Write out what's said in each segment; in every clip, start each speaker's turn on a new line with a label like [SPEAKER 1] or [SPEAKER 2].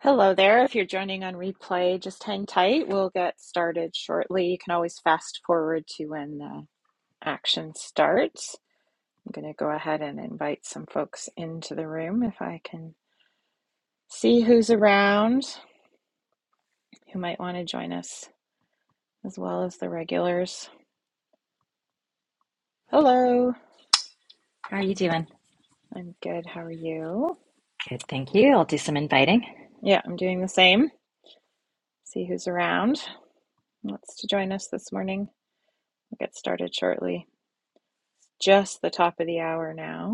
[SPEAKER 1] Hello there. If you're joining on replay, just hang tight. We'll get started shortly. You can always fast forward to when the action starts. I'm going to go ahead and invite some folks into the room if I can see who's around who might want to join us, as well as the regulars. Hello.
[SPEAKER 2] How are you doing?
[SPEAKER 1] I'm good. How are you?
[SPEAKER 2] Good, thank you. I'll do some inviting.
[SPEAKER 1] Yeah, I'm doing the same. See who's around. Wants to join us this morning. We'll get started shortly. Just the top of the hour now.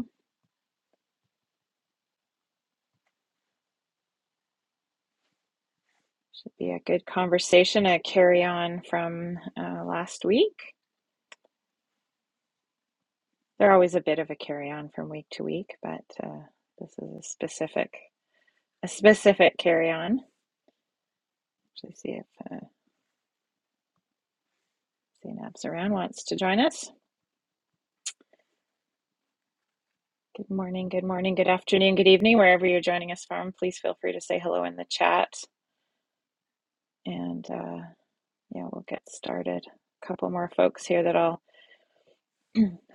[SPEAKER 1] Be a good conversation, a carry on from uh, last week. They're always a bit of a carry on from week to week, but uh, this is a specific a specific carry on. Actually, see if uh, Zainab's around wants to join us. Good morning, good morning, good afternoon, good evening, wherever you're joining us from. Please feel free to say hello in the chat, and uh, yeah, we'll get started. A couple more folks here that I'll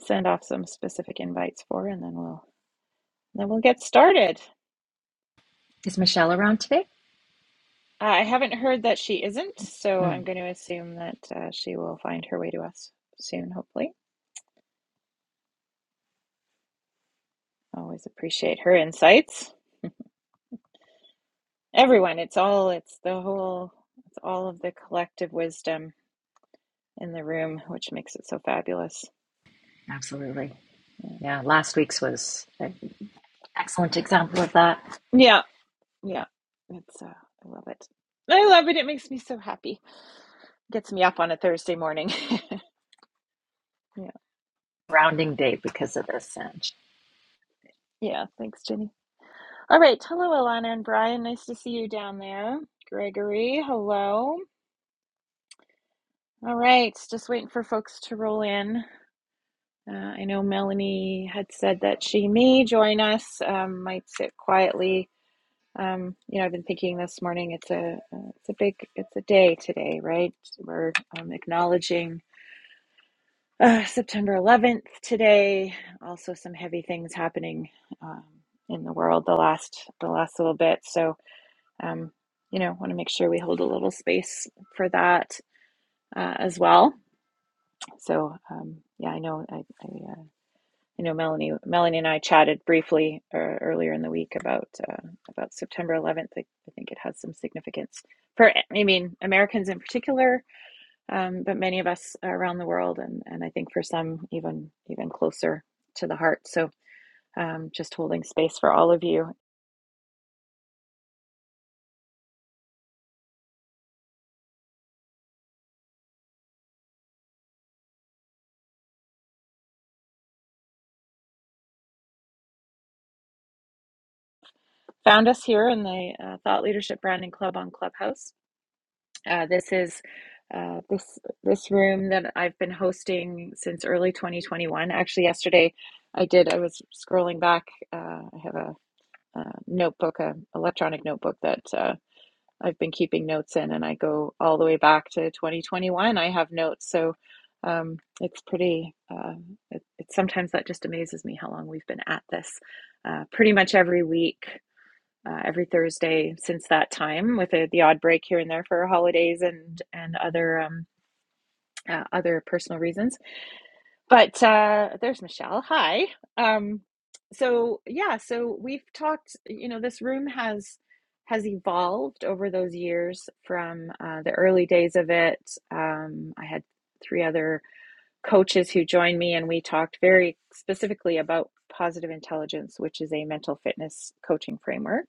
[SPEAKER 1] send off some specific invites for, and then we'll then we'll get started.
[SPEAKER 2] Is Michelle around today?
[SPEAKER 1] Uh, I haven't heard that she isn't, so I'm
[SPEAKER 2] Mm,
[SPEAKER 1] going to assume that uh, she will find her way to us soon, hopefully. Always appreciate her insights. Everyone, it's all, it's the whole, it's all of the collective wisdom in the room, which makes it so fabulous.
[SPEAKER 2] absolutely.
[SPEAKER 1] Yeah.
[SPEAKER 2] Yeah, last week's was an excellent example of that.
[SPEAKER 1] Yeah. Yeah. It's, uh, I love it. I love it. It makes me so happy. Gets me up on a Thursday morning. yeah.
[SPEAKER 2] Rounding day because of this, Ange.
[SPEAKER 1] Yeah. Thanks, Jenny. All right. Hello, Alana and Brian. Nice to see you down there. Gregory, hello. All right, just waiting for folks to roll in. Uh, I know Melanie had said that she may join us. Um, might sit quietly. Um, you know, I've been thinking this morning. It's a uh, it's a big it's a day today, right? We're um, acknowledging uh, September 11th today. Also, some heavy things happening um, in the world the last the last little bit. So, um, you know, want to make sure we hold a little space for that uh, as well. So um, yeah, I know I, I, uh, I know Melanie Melanie and I chatted briefly uh, earlier in the week about uh, about September 11th. I, I think it has some significance for I mean Americans in particular, um, but many of us around the world, and and I think for some even even closer to the heart. So um, just holding space for all of you. Found us here in the uh, Thought Leadership Branding Club on Clubhouse Uh, this is uh, this this room that I've been hosting since early 2021. Actually, yesterday I did. I was scrolling back. Uh, I have a, a notebook, a electronic notebook that uh, I've been keeping notes in, and I go all the way back to 2021. I have notes, so um, it's pretty. Uh, it, it's sometimes that just amazes me how long we've been at this. Uh, pretty much every week uh, every Thursday since that time, with a, the odd break here and there for holidays and and other um, uh, other personal reasons. But uh, there's Michelle. Hi. Um, so yeah, so we've talked. You know, this room has has evolved over those years from uh, the early days of it. Um, I had three other coaches who joined me, and we talked very specifically about positive intelligence, which is a mental fitness coaching framework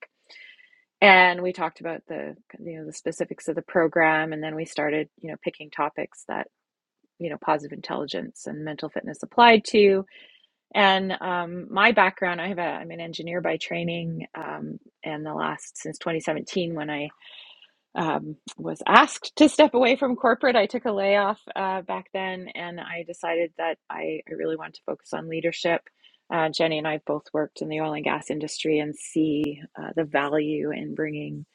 [SPEAKER 1] and we talked about the you know the specifics of the program and then we started you know picking topics that you know positive intelligence and mental fitness applied to and um, my background i have a i'm an engineer by training um, and the last since 2017 when i um, was asked to step away from corporate. I took a layoff uh, back then, and I decided that I, I really wanted to focus on leadership. Uh, Jenny and I both worked in the oil and gas industry and see uh, the value in bringing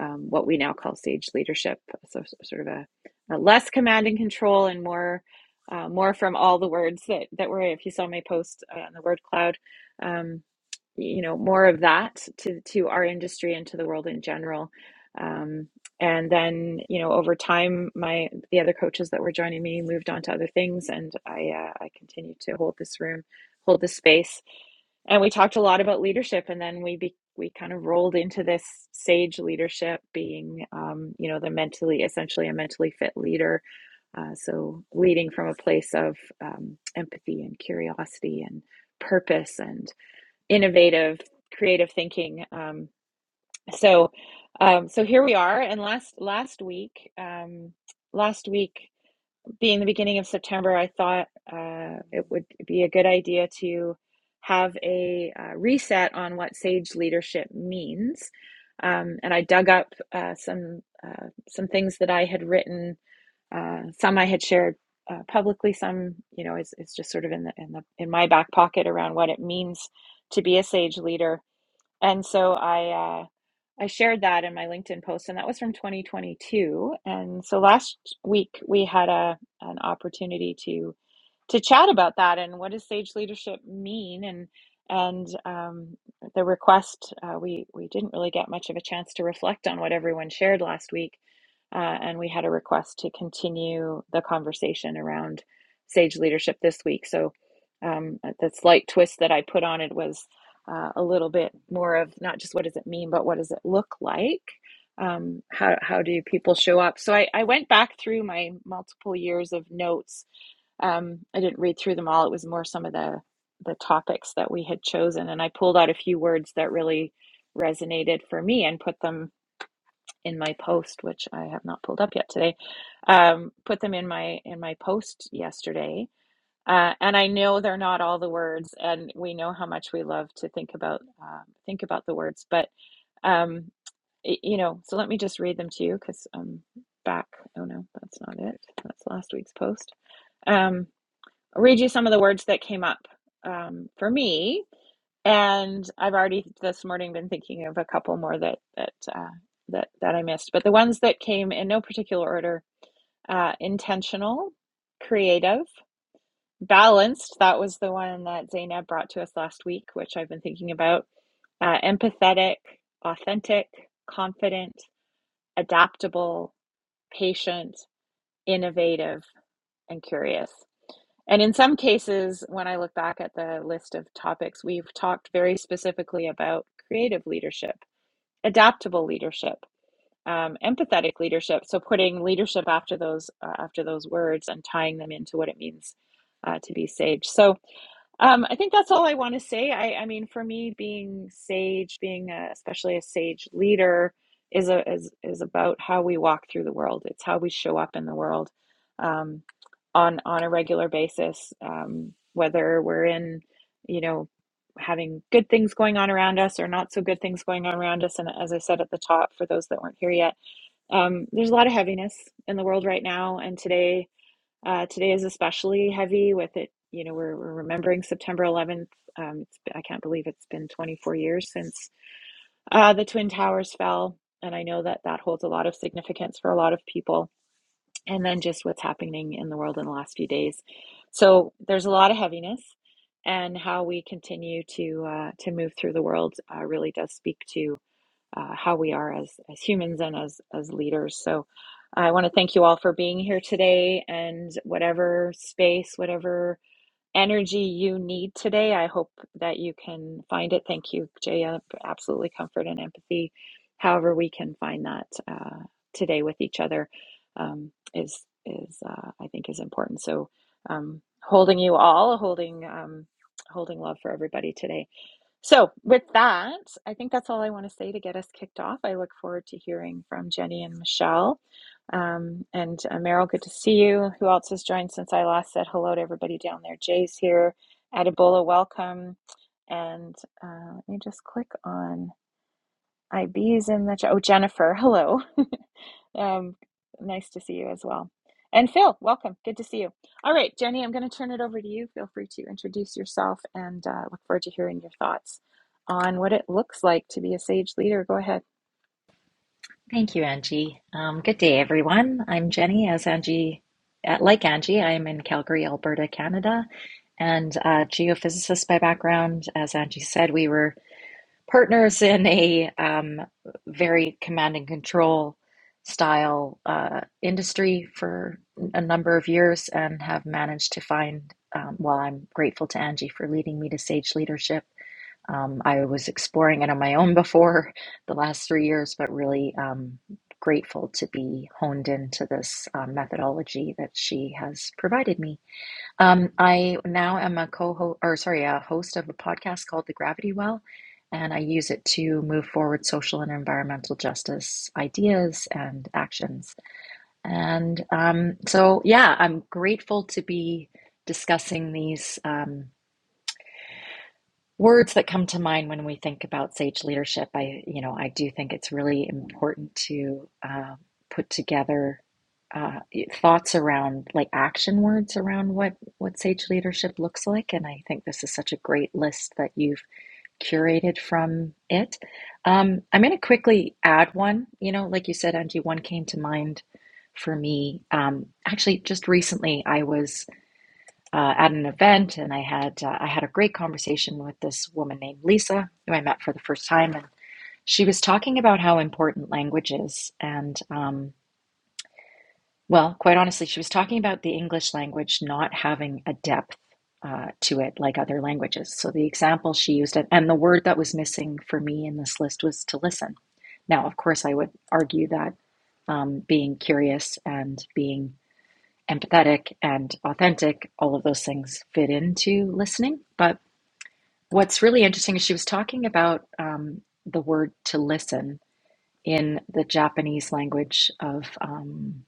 [SPEAKER 1] um, what we now call sage leadership, so so- sort of a, a less command and control and more. Uh, more from all the words that that were if you saw my post uh, on the word cloud um, you know more of that to to our industry and to the world in general Um, and then you know over time my the other coaches that were joining me moved on to other things and i uh, i continued to hold this room hold this space and we talked a lot about leadership and then we be, we kind of rolled into this sage leadership being um, you know the mentally essentially a mentally fit leader uh, so leading from a place of um, empathy and curiosity and purpose and innovative creative thinking Um. So, um, so here we are. And last last week, um, last week being the beginning of September, I thought uh, it would be a good idea to have a uh, reset on what sage leadership means. Um, and I dug up uh, some uh, some things that I had written. Uh, some I had shared uh, publicly. Some, you know, is is just sort of in the in the in my back pocket around what it means to be a sage leader and so I uh, I shared that in my LinkedIn post, and that was from 2022. And so last week we had a an opportunity to to chat about that and what does sage leadership mean and and um, the request uh, we we didn't really get much of a chance to reflect on what everyone shared last week uh, and we had a request to continue the conversation around sage leadership this week so um, uh, the slight twist that I put on it was uh, a little bit more of not just what does it mean but what does it look like um, how, how do people show up so I, I went back through my multiple years of notes um, I didn't read through them all. It was more some of the the topics that we had chosen, and I pulled out a few words that really resonated for me and put them in my post, which I have not pulled up yet today. Um, put them in my in my post yesterday, uh, and I know they're not all the words, and we know how much we love to think about um, think about the words, but um, y- you know. So let me just read them to you because I'm back. Oh no, that's not it. That's last week's post. Um, read you some of the words that came up um, for me, and I've already this morning been thinking of a couple more that that uh, that that I missed. But the ones that came in no particular order: uh, intentional, creative, balanced. That was the one that Zainab brought to us last week, which I've been thinking about. Uh, empathetic, authentic, confident, adaptable, patient, innovative, and curious. And in some cases, when I look back at the list of topics, we've talked very specifically about creative leadership, adaptable leadership, um, empathetic leadership. So putting leadership after those uh, after those words and tying them into what it means uh, to be sage. So um, I think that's all I want to say. I, I mean, for me, being sage, being a, especially a sage leader, is a is is about how we walk through the world. It's how we show up in the world um, on on a regular basis, um, whether we're in, you know, having good things going on around us or not so good things going on around us. And as I said at the top, for those that weren't here yet, um, there's a lot of heaviness in the world right now and today uh, today is especially heavy with it. You know, we're, we're remembering September 11th. Um, it's, I can't believe it's been 24 years since uh, the Twin Towers fell. And I know that that holds a lot of significance for a lot of people. And then just what's happening in the world in the last few days. So there's a lot of heaviness. And how we continue to uh, to move through the world uh, really does speak to uh, how we are as as humans and as as leaders. So I want to thank you all for being here today and whatever space, whatever energy you need today, I hope that you can find it. Thank you, Jaya. Absolutely comfort and empathy. However we can find that uh, today with each other um, is is uh, I think is important. So um, holding you all, holding um, holding love for everybody today. So, with that, I think that's all I want to say to get us kicked off. I look forward to hearing from Jenny and Michelle. Um, and uh, Meryl, good to see you. Who else has joined since I last said hello to everybody down there? Jay's here. Adibola, welcome. And uh, let me just click on IB's in the chat. Oh, Jennifer, hello. Um, nice to see you as well. And Phil, welcome. Good to see you. All right, Jenny, I'm going to turn it over to you. Feel free to introduce yourself and uh, look forward to hearing your thoughts on what it looks like to be a sage leader. Go ahead.
[SPEAKER 2] Thank you, Angie. Um, good day, everyone. I'm Jenny. As Angie, uh, like Angie, I'm in Calgary, Alberta, Canada, and a geophysicist by background. As Angie said, we were partners in a um, very command and control style uh, industry for a number of years and have managed to find, um, while I'm grateful to Angie for leading me to Sage Leadership, um, I was exploring it on my own before the last three years, but really um, grateful to be honed into this um, methodology that she has provided me. Um, I now am a co-host, or sorry, a host of a podcast called The Gravity Well, and I use it to move forward social and environmental justice ideas and actions. And um, so, yeah, I'm grateful to be discussing these. Um, words that come to mind when we think about sage leadership. I, you know, I do think it's really important to um, put together uh, thoughts around like action words around what what sage leadership looks like, and I think this is such a great list that you've curated from it. Um, I'm going to quickly add one. You know, like you said, Angie, one came to mind for me. Um, actually, just recently, I was uh, at an event, and I had uh, I had a great conversation with this woman named Lisa, who I met for the first time, and she was talking about how important language is, and um, well, quite honestly, she was talking about the English language not having a depth uh, to it like other languages. So the example she used, and the word that was missing for me in this list was to listen. Now, of course, I would argue that um, being curious and being empathetic and authentic, all of those things fit into listening. But what's really interesting is she was talking about um, the word to listen in the Japanese language of, um,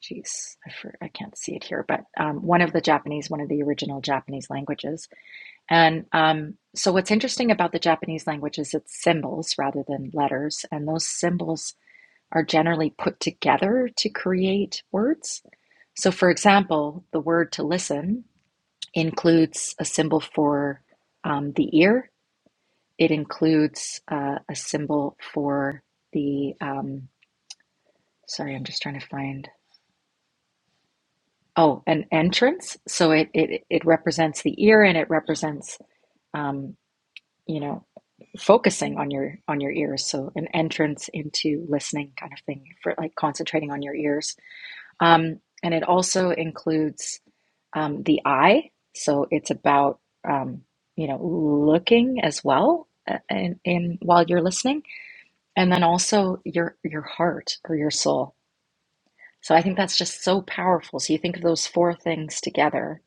[SPEAKER 2] geez, I, for, I can't see it here, but um, one of the Japanese, one of the original Japanese languages. And um, so what's interesting about the Japanese language is it's symbols rather than letters. And those symbols are generally put together to create words. So, for example, the word to listen includes a symbol for um, the ear. It includes uh, a symbol for the, um, sorry, I'm just trying to find, oh, an entrance. So it, it, it represents the ear and it represents, um, you know, focusing on your on your ears so an entrance into listening kind of thing for like concentrating on your ears um, and it also includes um, the eye. So it's about um, you know looking as well uh, in, in while you're listening, and then also your your heart or your soul. So I think that's just so powerful. So you think of those four things together,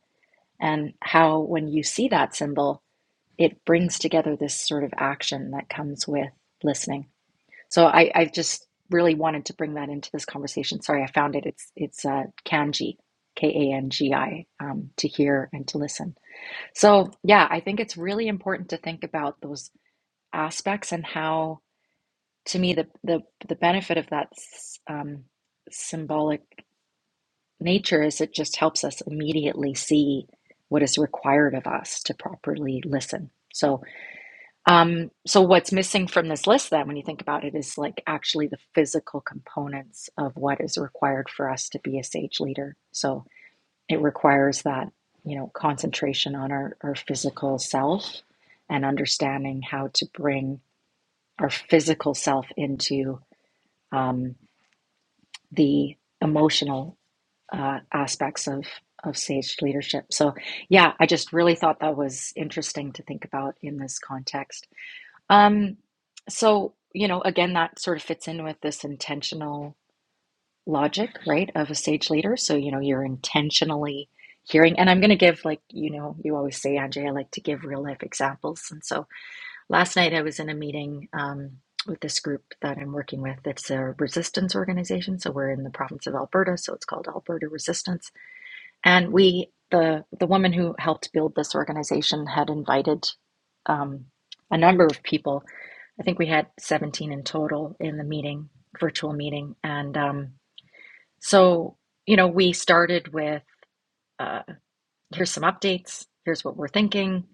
[SPEAKER 2] and how when you see that symbol, it brings together this sort of action that comes with listening. So I, I just really wanted to bring that into this conversation. Sorry, I found it. It's it's uh, kanji, K A N G I, um, to hear and to listen. So, yeah, I think it's really important to think about those aspects and how, to me, the the the benefit of that s- um, symbolic nature is it just helps us immediately see what is required of us to properly listen. So, um, so what's missing from this list then, when you think about it, is like actually the physical components of what is required for us to be a sage leader. So, it requires that, you know, concentration on our, our physical self and understanding how to bring our physical self into um, the emotional uh, aspects of, of sage leadership. So, yeah, I just really thought that was interesting to think about in this context. Um, so, you know, again, that sort of fits in with this intentional logic, right, of a sage leader. So, you know, you're intentionally hearing. And I'm going to give, like, you know, you always say, Andre, I like to give real life examples. And so last night I was in a meeting um, with this group that I'm working with. It's a resistance organization. So we're in the province of Alberta. So it's called Alberta Resistance. And we, the, the woman who helped build this organization had invited um, a number of people. I think we had 17 in total in the meeting, virtual meeting. And, um, so, you know, we started with uh, here's some updates, here's what we're thinking.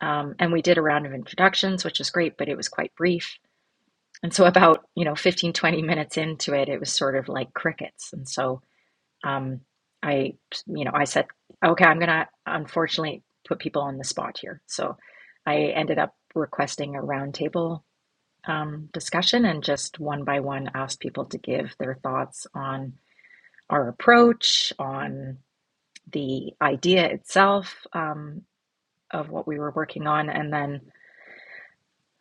[SPEAKER 2] Um, and we did a round of introductions, which is great, but it was quite brief. And so, about, you know, 15 20 minutes into it, it was sort of like crickets. And so, um, I, you know, I said, okay, I'm going to unfortunately put people on the spot here. So, I ended up requesting a roundtable um, discussion and just one by one asked people to give their thoughts on our approach, on the idea itself um, of what we were working on, and then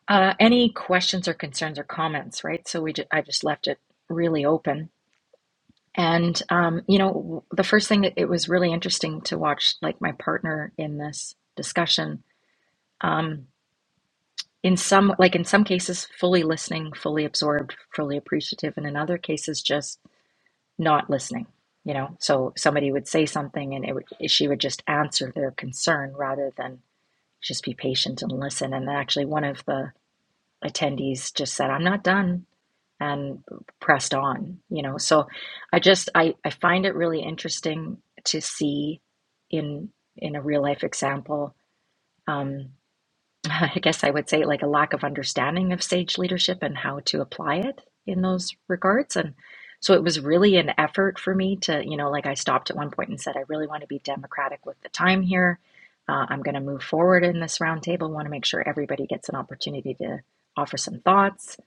[SPEAKER 2] uh, any questions or concerns or comments, right? So we ju- I just left it really open. And um, you know, the first thing it was really interesting to watch, like my partner in this discussion, um, in some like in some cases fully listening, fully absorbed, fully appreciative, and in other cases just not listening. You know, so somebody would say something, and it would, she would just answer their concern rather than just be patient and listen. And actually, one of the attendees just said, I'm not done, and pressed on, you know. So I just, I, I find it really interesting to see in in a real life example. Um, I guess I would say like a lack of understanding of sage leadership and how to apply it in those regards. And so it was really an effort for me to, you know, like I stopped at one point and said, I really want to be democratic with the time here. Uh, I'm going to move forward in this roundtable. Want to make sure everybody gets an opportunity to offer some thoughts.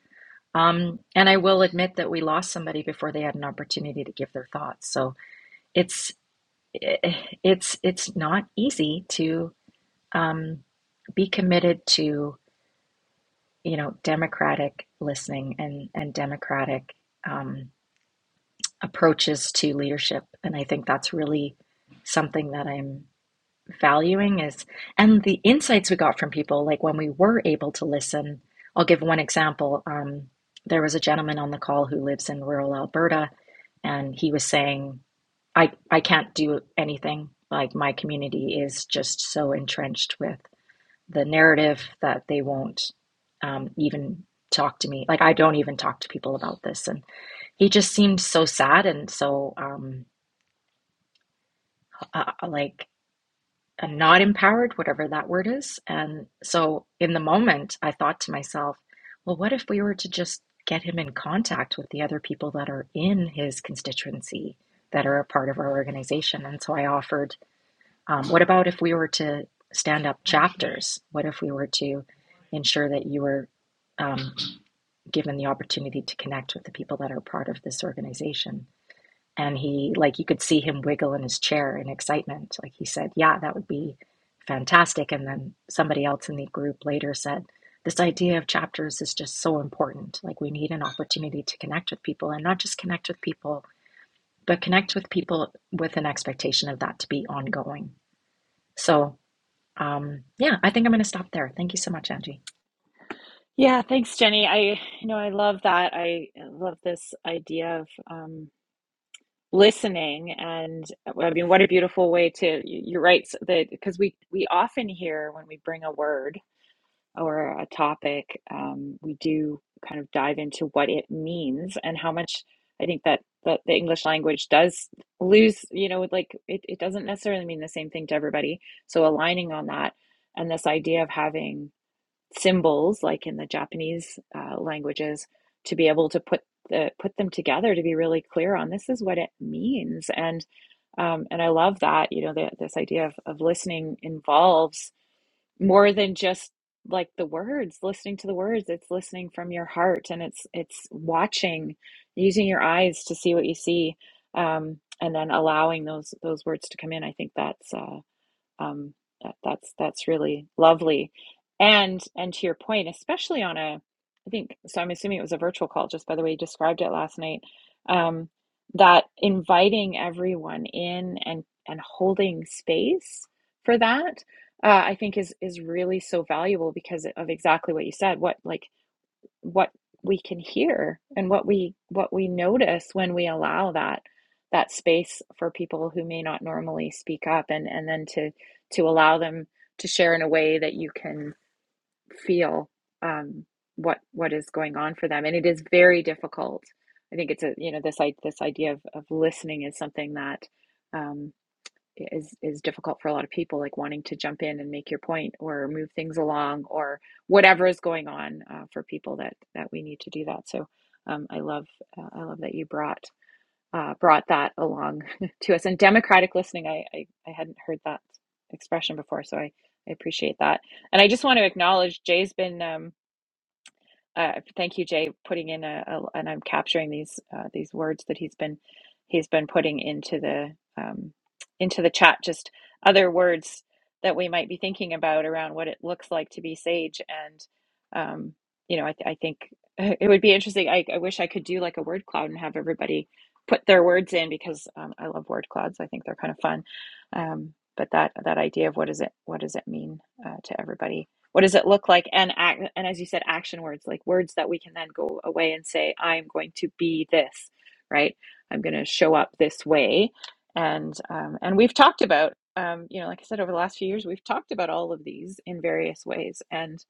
[SPEAKER 2] Um, and I will admit that we lost somebody before they had an opportunity to give their thoughts. So it's eh, it's it's not easy to um, be committed to you know, democratic listening and and democratic um, approaches to leadership. And I think that's really something that I'm valuing is and the insights we got from people like when we were able to listen i'll give one example um, there was a gentleman on the call who lives in rural alberta and he was saying i i can't do anything like my community is just so entrenched with the narrative that they won't um, even talk to me. Like I don't even talk to people about this. And he just seemed so sad and so um, uh, uh, like uh, not empowered, whatever that word is. And so in the moment, I thought to myself, well, what if we were to just get him in contact with the other people that are in his constituency that are a part of our organization? And so I offered Um, what about if we were to stand up chapters? What if we were to ensure that you were um, given the opportunity to connect with the people that are part of this organization? And he, like, you could see him wiggle in his chair in excitement. Like, he said, Yeah, that would be fantastic. And then somebody else in the group later said, This idea of chapters is just so important. Like, we need an opportunity to connect with people and not just connect with people, but connect with people with an expectation of that to be ongoing. So, um, yeah, I think I'm going to stop there. Thank you so much, Angie.
[SPEAKER 1] Yeah, thanks, Jenny. I, you know, I love that. I love this idea of um, listening, and I mean, what a beautiful way to. you- You're right that because we we often hear when we bring a word or a topic, um, we do kind of dive into what it means and how much I think that that the English language does lose, you know, with like it, it doesn't necessarily mean the same thing to everybody. So aligning on that and this idea of having symbols like in the Japanese uh, languages to be able to put the put them together to be really clear on this is what it means and um, and I love that you know the, this idea of, of listening involves more than just like the words listening to the words it's listening from your heart and it's it's watching using your eyes to see what you see um and then allowing those those words to come in i think that's uh um, that, that's that's really lovely, and and to your point, especially on a, I think so. I'm assuming it was a virtual call, just by the way you described it last night. Um, that inviting everyone in and and holding space for that, uh, I think is is really so valuable because of exactly what you said. What like what we can hear and what we what we notice when we allow that that space for people who may not normally speak up and and then to to allow them to share in a way that you can feel um, what what is going on for them and it is very difficult i think it's a you know this i this idea of, of listening is something that um, is is difficult for a lot of people, like wanting to jump in and make your point or move things along or whatever is going on uh, for people that that we need to do that. So um, I love uh, I love that you brought uh, brought that along to us and democratic listening. I, I I hadn't heard that expression before, so I I appreciate that. And I just want to acknowledge Jay's been. um, uh, thank you, Jay, putting in a, a and I'm capturing these uh, these words that he's been he's been putting into the um, into the chat. Just other words that we might be thinking about around what it looks like to be sage, and um, you know, I, th- I think it would be interesting. I, I wish I could do like a word cloud and have everybody put their words in because um, I love word clouds. I think they're kind of fun. Um, but that that idea of what does it what does it mean uh, to everybody what does it look like and act, and as you said action words like words that we can then go away and say i'm going to be this right i'm going to show up this way and um, and we've talked about um, you know like i said over the last few years we've talked about all of these in various ways and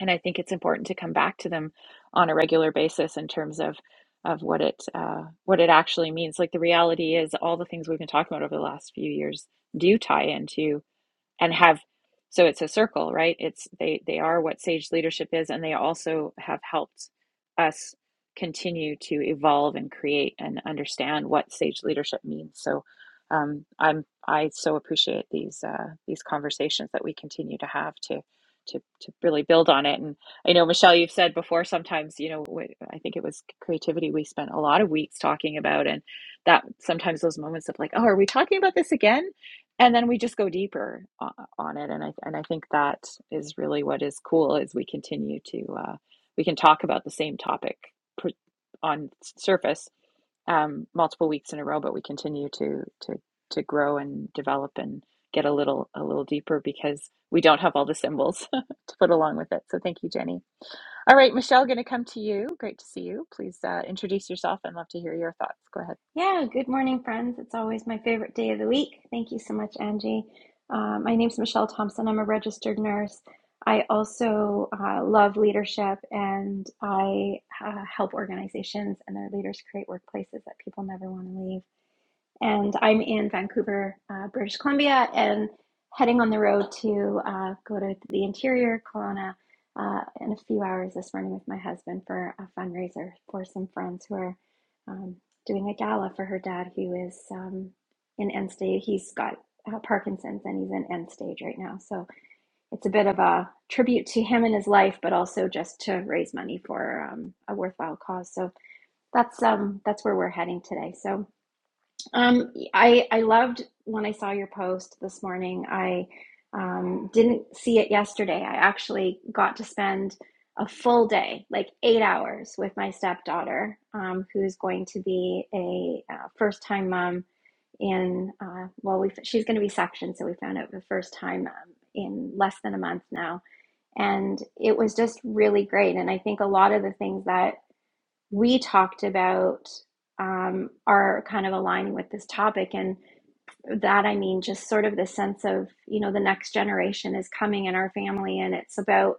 [SPEAKER 1] and i think it's important to come back to them on a regular basis in terms of of what it uh, what it actually means like the reality is all the things we've been talking about over the last few years do tie into and have so it's a circle right it's they they are what sage leadership is and they also have helped us continue to evolve and create and understand what sage leadership means so um, i'm i so appreciate these uh, these conversations that we continue to have to to, to really build on it and i know michelle you've said before sometimes you know what i think it was creativity we spent a lot of weeks talking about and that sometimes those moments of like oh are we talking about this again and then we just go deeper o- on it and i and i think that is really what is cool is we continue to uh, we can talk about the same topic pr- on surface um, multiple weeks in a row but we continue to to to grow and develop and get a little a little deeper because we don't have all the symbols to put along with it so thank you jenny all right michelle going to come to you great to see you please uh, introduce yourself and love to hear your thoughts go ahead
[SPEAKER 3] Yeah, good morning, friends. It's always my favorite day of the week. Thank you so much, Angie. Uh, my name's Michelle Thompson. I'm a registered nurse. I also uh, love leadership and I uh, help organizations and their leaders create workplaces that people never want to leave and I'm in Vancouver, uh, British Columbia, and heading on the road to uh, go to the interior, Kelowna, uh, in a few hours this morning with my husband for a fundraiser for some friends who are um, doing a gala for her dad, who is um, in end stage. He's got uh, Parkinson's and he's in end stage right now. So it's a bit of a tribute to him and his life, but also just to raise money for um, a worthwhile cause. So that's um, that's where we're heading today. So um, I I loved when I saw your post this morning. I um, didn't see it yesterday. I actually got to spend a full day, like eight hours, with my stepdaughter, um, who's going to be a uh, first time mom in uh, well, we she's going to be sectioned, so we found out the first time um, in less than a month now, and it was just really great. And I think a lot of the things that we talked about um, are kind of aligning with this topic. And that I mean, just sort of the sense of, you know, the next generation is coming in our family and it's about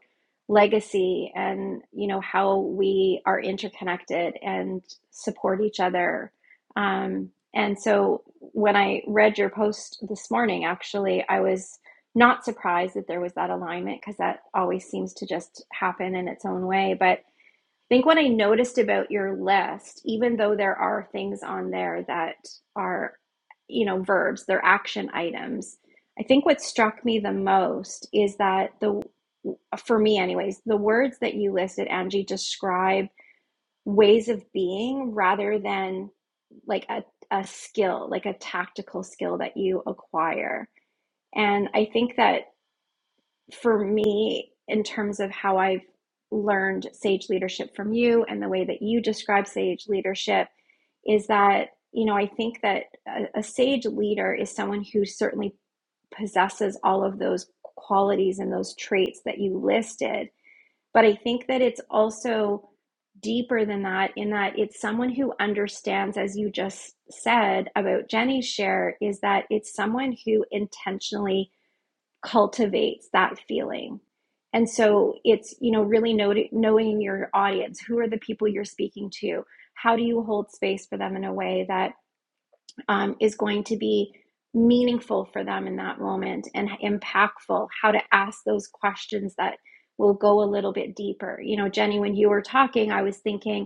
[SPEAKER 3] legacy and, you know, how we are interconnected and support each other. Um, and so when I read your post this morning, actually, I was not surprised that there was that alignment because that always seems to just happen in its own way. But I think what I noticed about your list, even though there are things on there that are, you know, verbs, they're action items. I think what struck me the most is that the, for me, anyways, the words that you listed, Angie, describe ways of being rather than like a, a skill, like a tactical skill that you acquire. And I think that for me in terms of how I've learned sage leadership from you and the way that you describe sage leadership is that, you know, I think that a, a sage leader is someone who certainly possesses all of those qualities and those traits that you listed. But I think that it's also deeper than that, in that it's someone who understands, as you just said about Jenny's share, is that it's someone who intentionally cultivates that feeling. And so it's, you know, really noti- knowing your audience. Who are the people you're speaking to? How do you hold space for them in a way that um, is going to be meaningful for them in that moment and impactful how to ask those questions that will go a little bit deeper you know jenny when you were talking i was thinking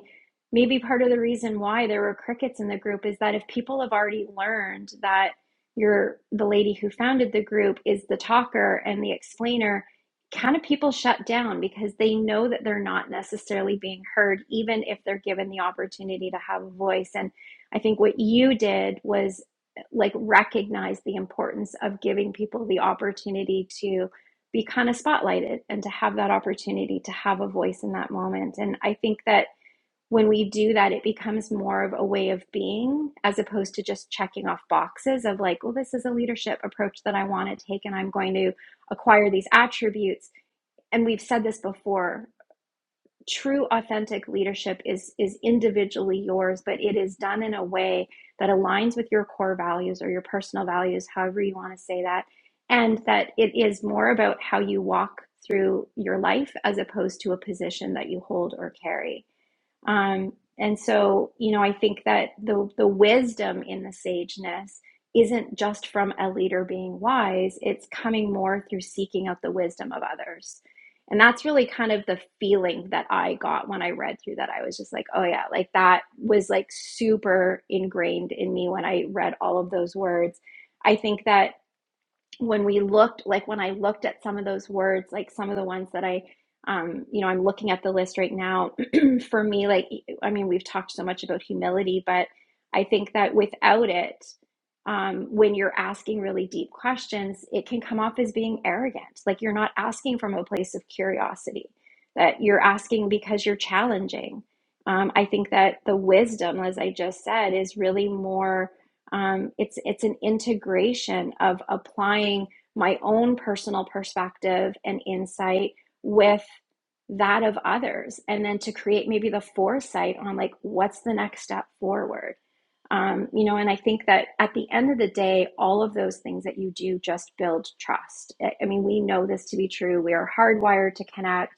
[SPEAKER 3] maybe part of the reason why there were crickets in the group is that if people have already learned that you're the lady who founded the group is the talker and the explainer kind of people shut down because they know that they're not necessarily being heard even if they're given the opportunity to have a voice and I think what you did was like recognize the importance of giving people the opportunity to be kind of spotlighted and to have that opportunity to have a voice in that moment. And I think that when we do that, it becomes more of a way of being as opposed to just checking off boxes of like, well, this is a leadership approach that I want to take and I'm going to acquire these attributes. And we've said this before true authentic leadership is is individually yours but it is done in a way that aligns with your core values or your personal values however you want to say that and that it is more about how you walk through your life as opposed to a position that you hold or carry um, and so, you know, I think that the the wisdom in the sageness isn't just from a leader being wise, it's coming more through seeking out the wisdom of others. And that's really kind of the feeling that I got when I read through that. I was just like, oh yeah, like that was like super ingrained in me when I read all of those words. I think that when we looked like when i looked at some of those words like some of the ones that i um you know i'm looking at the list right now for me like e, i mean we've talked so much about humility but i think that without it um when you're asking really deep questions it can come off as being arrogant like you're not asking from a place of curiosity that you're asking because you're challenging um, i think that the wisdom as i just said is really more um, it's it's an integration of applying my own personal perspective and insight with that of others, and then to create maybe the foresight on like what's the next step forward. Um, you know, and I think that at the end of the day, all of those things that you do just build trust. I I mean, we know this to be true. We are hardwired to connect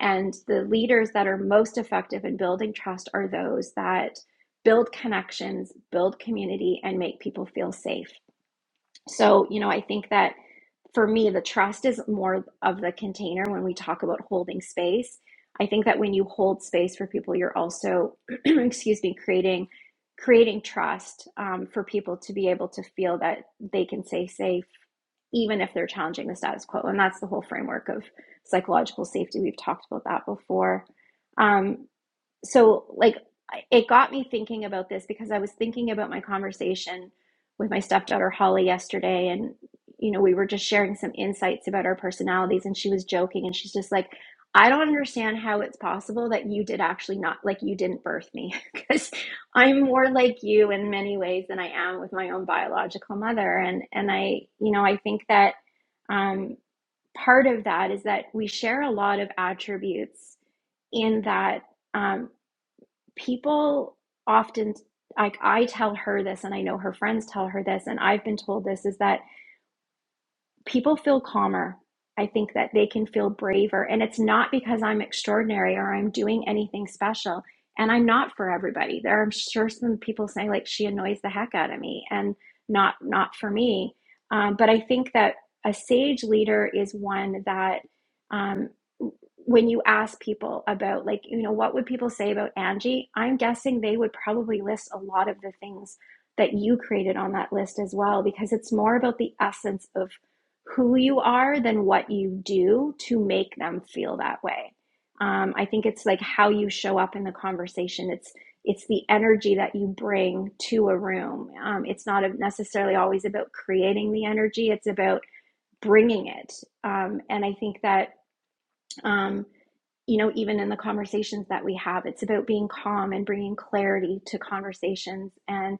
[SPEAKER 3] and the leaders that are most effective in building trust are those that build connections, build community, and make people feel safe. So, you know, I think that for me, the trust is more of the container when we talk about holding space. I think that when you hold space for people, you're also, excuse me, creating creating trust um, for people to be able to feel that they can stay safe, even if they're challenging the status quo. And that's the whole framework of psychological safety. We've talked about that before. Um, so like it got me thinking about this because I was thinking about my conversation with my stepdaughter Holly yesterday and you know we were just sharing some insights about our personalities and she was joking and she's just like I don't understand how it's possible that you did actually not like you didn't birth me because I'm more like you in many ways than I am with my own biological mother and and I you know I think that um part of that is that we share a lot of attributes in that um, people often like i tell her this and i know her friends tell her this and i've been told this is that people feel calmer. I think that they can feel braver. And it's not because I'm extraordinary or I'm doing anything special. And I'm not for everybody. There are I'm sure some people saying like she annoys the heck out of me and not not for me. Um, but I think that a sage leader is one that um, when you ask people about like you know what would people say about Angie, I'm guessing they would probably list a lot of the things that you created on that list as well because it's more about the essence of who you are than what you do to make them feel that way. Um, I think it's like how you show up in the conversation. It's it's the energy that you bring to a room. Um, it's not necessarily always about creating the energy. It's about bringing it. Um, and I think that um, you know, even in the conversations that we have, it's about being calm and bringing clarity to conversations and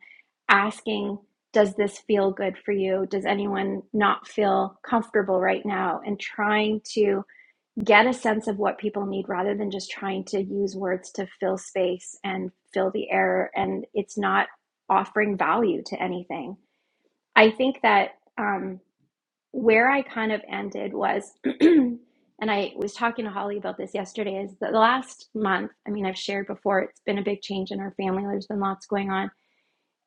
[SPEAKER 3] asking, does this feel good for you? Does anyone not feel comfortable right now? And trying to get a sense of what people need rather than just trying to use words to fill space and fill the air. And it's not offering value to anything. I think that. Um, where I kind of ended was, and I was talking to Holly about this yesterday, is that the last month, I mean, I've shared before, it's been a big change in our family. There's been lots going on.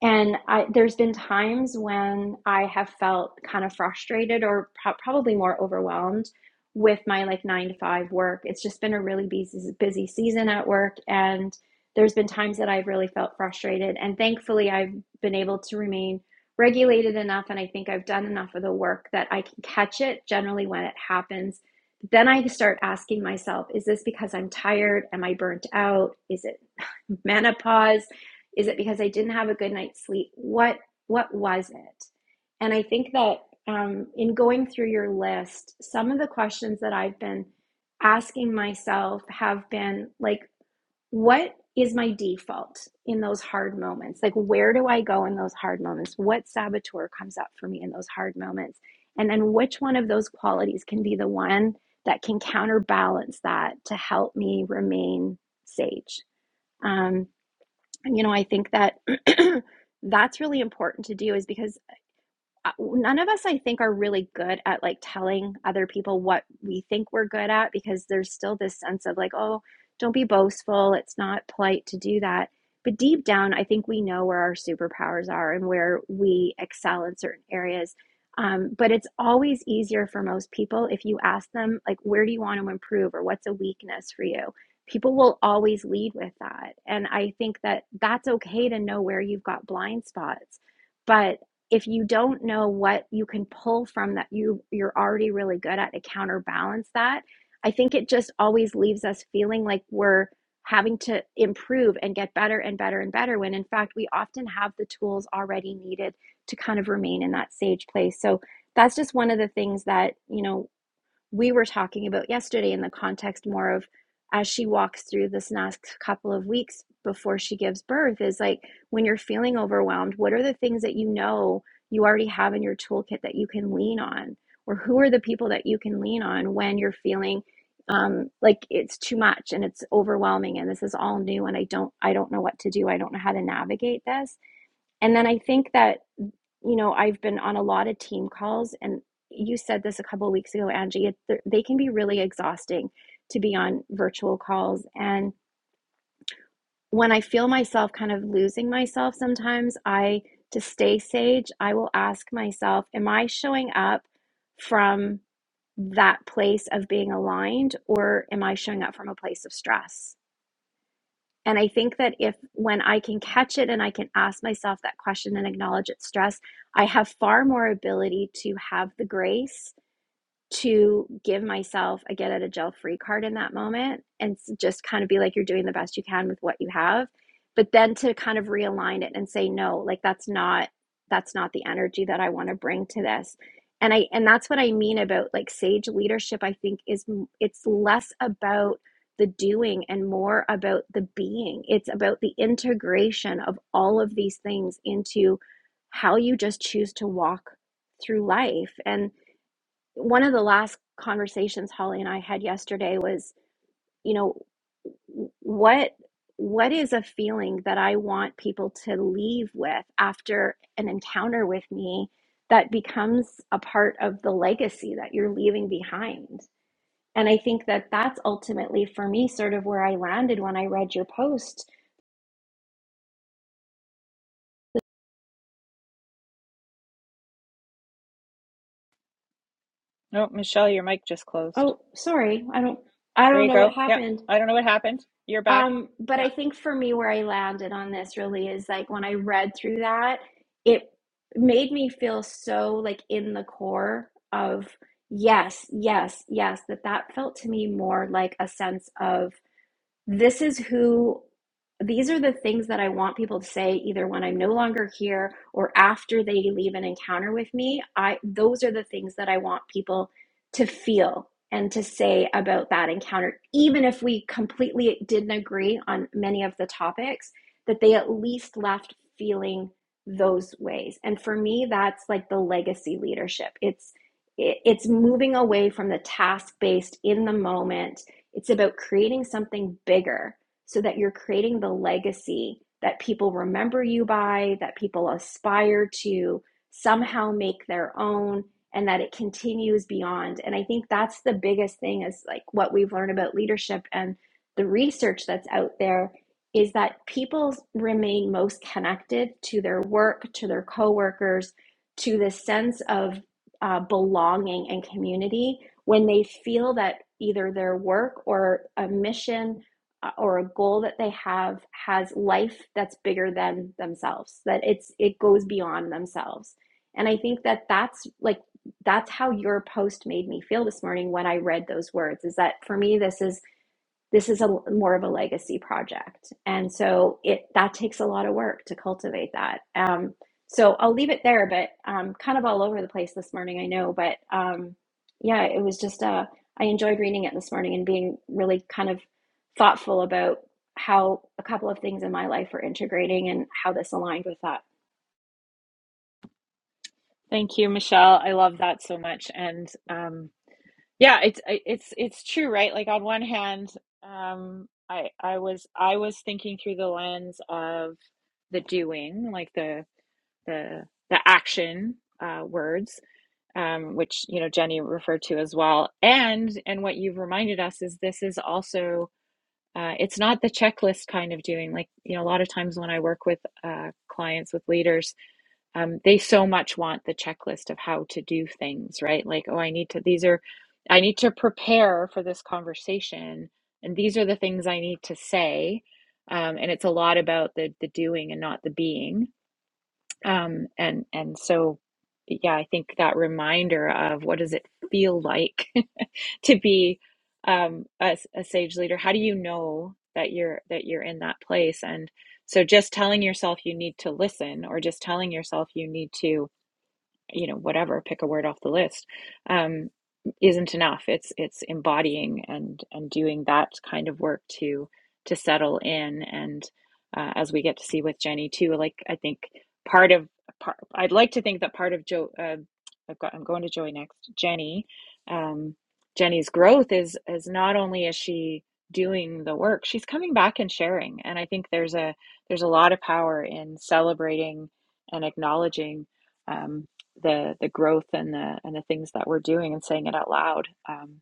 [SPEAKER 3] And I, there's been times when I have felt kind of frustrated or pro- probably more overwhelmed with my like nine to five work. It's just been a really busy, busy season at work. And there's been times that I've really felt frustrated. And thankfully, I've been able to remain regulated enough. And I think I've done enough of the work that I can catch it generally when it happens. Then I start asking myself, is this because I'm tired? Am I burnt out? Is it menopause? Is it because I didn't have a good night's sleep? What what was it? And I think that um, in going through your list, some of the questions that I've been asking myself have been like, what is my default in those hard moments? Like, where do I go in those hard moments? What saboteur comes up for me in those hard moments? And then which one of those qualities can be the one that can counterbalance that to help me remain sage? Um, you know i think that that's really important to do is because uh, none of us i think are really good at like telling other people what we think we're good at because there's still this sense of like oh don't be boastful it's not polite to do that but deep down i think we know where our superpowers are and where we excel in certain areas um, but it's always easier for most people if you ask them like where do you want to improve or what's a weakness for you people will always lead with that and i think that that's okay to know where you've got blind spots but if you don't know what you can pull from that you you're already really good at to counterbalance that i think it just always leaves us feeling like we're having to improve and get better and better and better when in fact we often have the tools already needed to kind of remain in that sage place so that's just one of the things that you know we were talking about yesterday in the context more of as she walks through this next couple of weeks before she gives birth is like when you're feeling overwhelmed, what are the things that you know you already have in your toolkit that you can lean on? Or who are the people that you can lean on when you're feeling um, like it's too much and it's overwhelming and this is all new and I don't I don't know what to do. I don't know how to navigate this. And then I think that you know, I've been on a lot of team calls, and you said this a couple of weeks ago, Angie. It, they can be really exhausting to be on virtual calls. And when I feel myself kind of losing myself sometimes, I, to stay sage, I will ask myself, am I showing up from that place of being aligned, or am I showing up from a place of stress? And I think that if when I can catch it and I can ask myself that question and acknowledge its stress, I have far more ability to have the grace to give myself a get out of jail free card in that moment and just kind of be like, you're doing the best you can with what you have. But then to kind of realign it and say, no, like that's not, that's not the energy that I want to bring to this. And I, and that's what I mean about like sage leadership, I think is it's less about the doing and more about the being. It's about the integration of all of these things into how you just choose to walk through life. And one of the last conversations Holly and I had yesterday was, you know, what what is a feeling that I want people to leave with after an encounter with me that becomes a part of the legacy that you're leaving behind. And I think that that's ultimately for me sort of where I landed when I read your post.
[SPEAKER 1] oh michelle your mic just closed
[SPEAKER 3] Oh, sorry. I don't I
[SPEAKER 1] There
[SPEAKER 3] don't
[SPEAKER 1] you
[SPEAKER 3] know what
[SPEAKER 1] go. Yeah.
[SPEAKER 3] happened.
[SPEAKER 1] I don't know what happened. You're back.
[SPEAKER 3] Um, but
[SPEAKER 1] Yeah.
[SPEAKER 3] I think for me, where I landed on this really is like when I read through that, it made me feel so like in the core of yes, yes, yes, that that felt to me more like a sense of this is who these are the things that I want people to say either when I'm no longer here or after they leave an encounter with me. I those are the things that I want people to feel and to say about that encounter even if we completely didn't agree on many of the topics that they at least left feeling those ways. And for me that's like the legacy leadership. It's it's moving away from the task based in the moment it's about creating something bigger so that you're creating the legacy that people remember you by, that people aspire to somehow make their own, and that it continues beyond. And I think that's the biggest thing is like what we've learned about leadership and the research that's out there is that people remain most connected to their work, to their coworkers, to the sense of uh, belonging and community when they feel that either their work or a mission uh, or a goal that they have has life that's bigger than themselves that it's it goes beyond themselves and i think that that's like that's how your post made me feel this morning when i read those words is that for me this is this is a more of a legacy project and so it that takes a lot of work to cultivate that um, so i'll leave it there but um, kind of all over the place this morning i know but um, yeah it was just uh, i enjoyed reading it this morning and being really kind of thoughtful about how a couple of things in my life were integrating and how this aligned with that.
[SPEAKER 1] Thank you, Michelle. I love that so much. And um yeah, it's it's it's true, right? Like on one hand, um I I was I was thinking through the lens of the doing, like the the the action uh words, um which, you know, Jenny referred to as well. And and what you've reminded us is this is also uh, it's not the checklist kind of doing. Like, you know, a lot of times when I work with uh, clients, with leaders, um, they so much want the checklist of how to do things, right? Like, oh, I need to, these are, I need to prepare for this conversation, and these are the things I need to say. Um, and it's a lot about the the doing and not the being. Um, and and so, yeah, I think that reminder of what does it feel like to be um, a a sage leader? How do you know that you're that you're in that place? And so, just telling yourself you need to listen, or just telling yourself you need to you know whatever pick a word off the list um, isn't enough it's it's embodying and and doing that kind of work to to settle in and uh, as we get to see with jenny too like i think part of part i'd like to think that part of joe uh, i've got i'm going to joey next jenny um, jenny's growth is is not only is she doing the work she's coming back and sharing and i think there's a there's a lot of power in celebrating and acknowledging um, the the growth and the and the things that we're doing and saying it out loud. Um,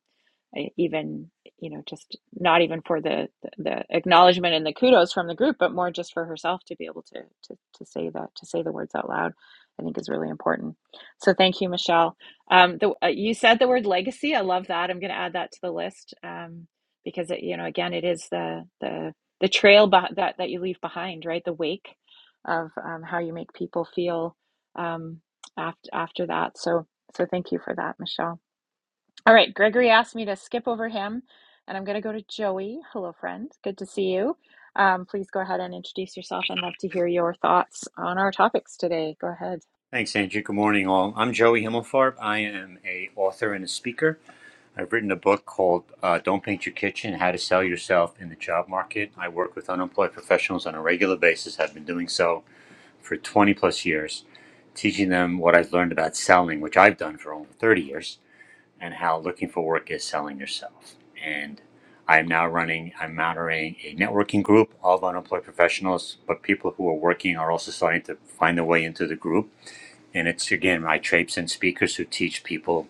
[SPEAKER 1] even you know just not even for the the the acknowledgement and the kudos from the group but more just for herself to be able to to to say that to say the words out loud i think is really important so thank you michelle um the, uh, you said the word legacy i love that i'm going to add that to the list um because it, you know again it is the the the trail beh that that you leave behind right the wake of um, how you make people feel um after after that so so thank you for that michelle all right, Gregory asked me to skip over him, and I'm going to go to Joey. Hello, friend. Good to see you. Um, please go ahead and introduce yourself and love to hear your thoughts on our topics today. Go ahead.
[SPEAKER 4] Thanks, Andrew. Good morning, all. I'm Joey Himmelfarb. I am a author and a speaker. I've written a book called uh, "Don't Paint Your Kitchen: How to Sell Yourself in the Job Market." I work with unemployed professionals on a regular basis. I've been doing so for 20 plus years, teaching them what I've learned about selling, which I've done for over 30 years, and how looking for work is selling yourself. And I am now running, I'm moderating a networking group of unemployed professionals, but people who are working are also starting to find their way into the group and it's again my trapes and speakers who teach people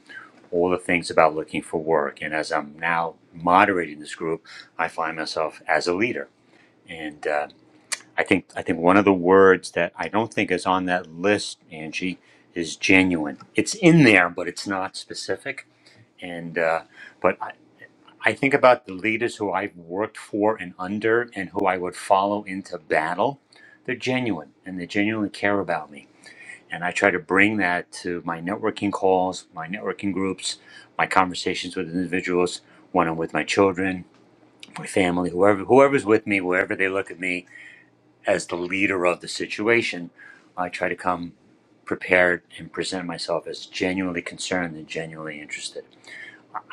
[SPEAKER 4] all the things about looking for work. And as I'm now moderating this group, I find myself as a leader. And uh, I think I think one of the words that I don't think is on that list, Angie, is genuine. It's in there, but it's not specific. And uh, but I, I think about the leaders who I've worked for and under, and who I would follow into battle. They're genuine, and they genuinely care about me and I try to bring that to my networking calls, my networking groups, my conversations with individuals when I'm with my children, my family, whoever whoever's with me, wherever they look at me as the leader of the situation, I try to come prepared and present myself as genuinely concerned and genuinely interested.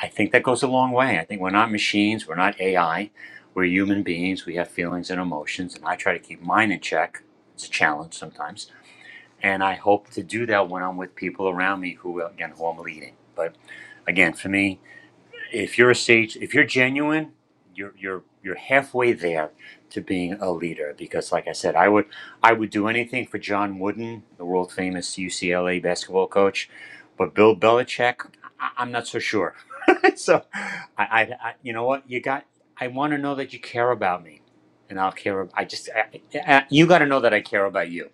[SPEAKER 4] I think that goes a long way. I think we're not machines, we're not AI, we're human beings, we have feelings and emotions, and I try to keep mine in check. It's a challenge sometimes and I hope to do that when I'm with people around me who again who I'm leading. But again, for me, if you're a sage, if you're genuine, you're you're you're halfway there to being a leader because like I said, I would I would do anything for John Wooden, the world famous UCLA basketball coach, but Bill Belichick, I, I'm not so sure. so I, I, I you know what you got I want to know that you care about me. And I'll care. I just I, I, you got to know that I care about you,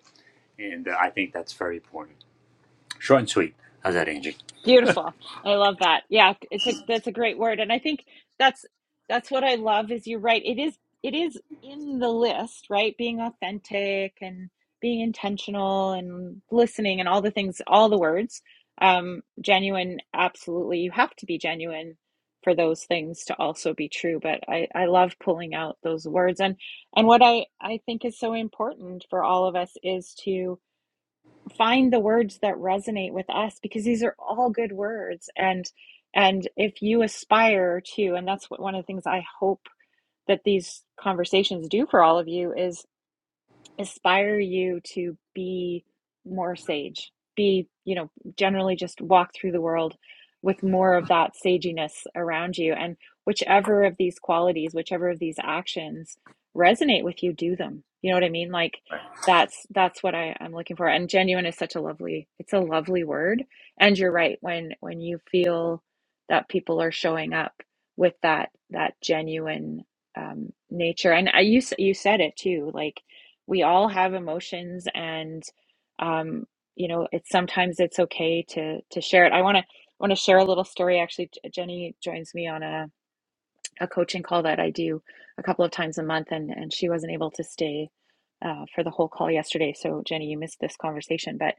[SPEAKER 4] and uh, I think that's very important. Short and sweet. How's that, Angie?
[SPEAKER 1] Beautiful. I love that. Yeah, it's a that's a great word. And I think that's that's what I love is you're right. It is it is in the list, right? Being authentic and being intentional and listening and all the things, all the words. Um, genuine, absolutely. You have to be genuine for those things to also be true. But I, I love pulling out those words. And and what I, I think is so important for all of us is to find the words that resonate with us because these are all good words and and if you aspire to and that's what one of the things i hope that these conversations do for all of you is inspire you to be more sage be you know generally just walk through the world with more of that saginess around you and whichever of these qualities whichever of these actions resonate with you do them you know what i mean like
[SPEAKER 4] Right.
[SPEAKER 1] that's that's what I, i'm looking for and genuine is such a lovely it's a lovely word and you're right when when you feel that people are showing up with that that genuine um, nature and I, you s- you said it too like we all have emotions and um, you know it's sometimes it's okay to to share it i want to want to share a little story actually J- jenny joins me on a, a coaching call that i do a couple of times a month and and she wasn't able to stay uh, for the whole call yesterday so jenny you missed this conversation but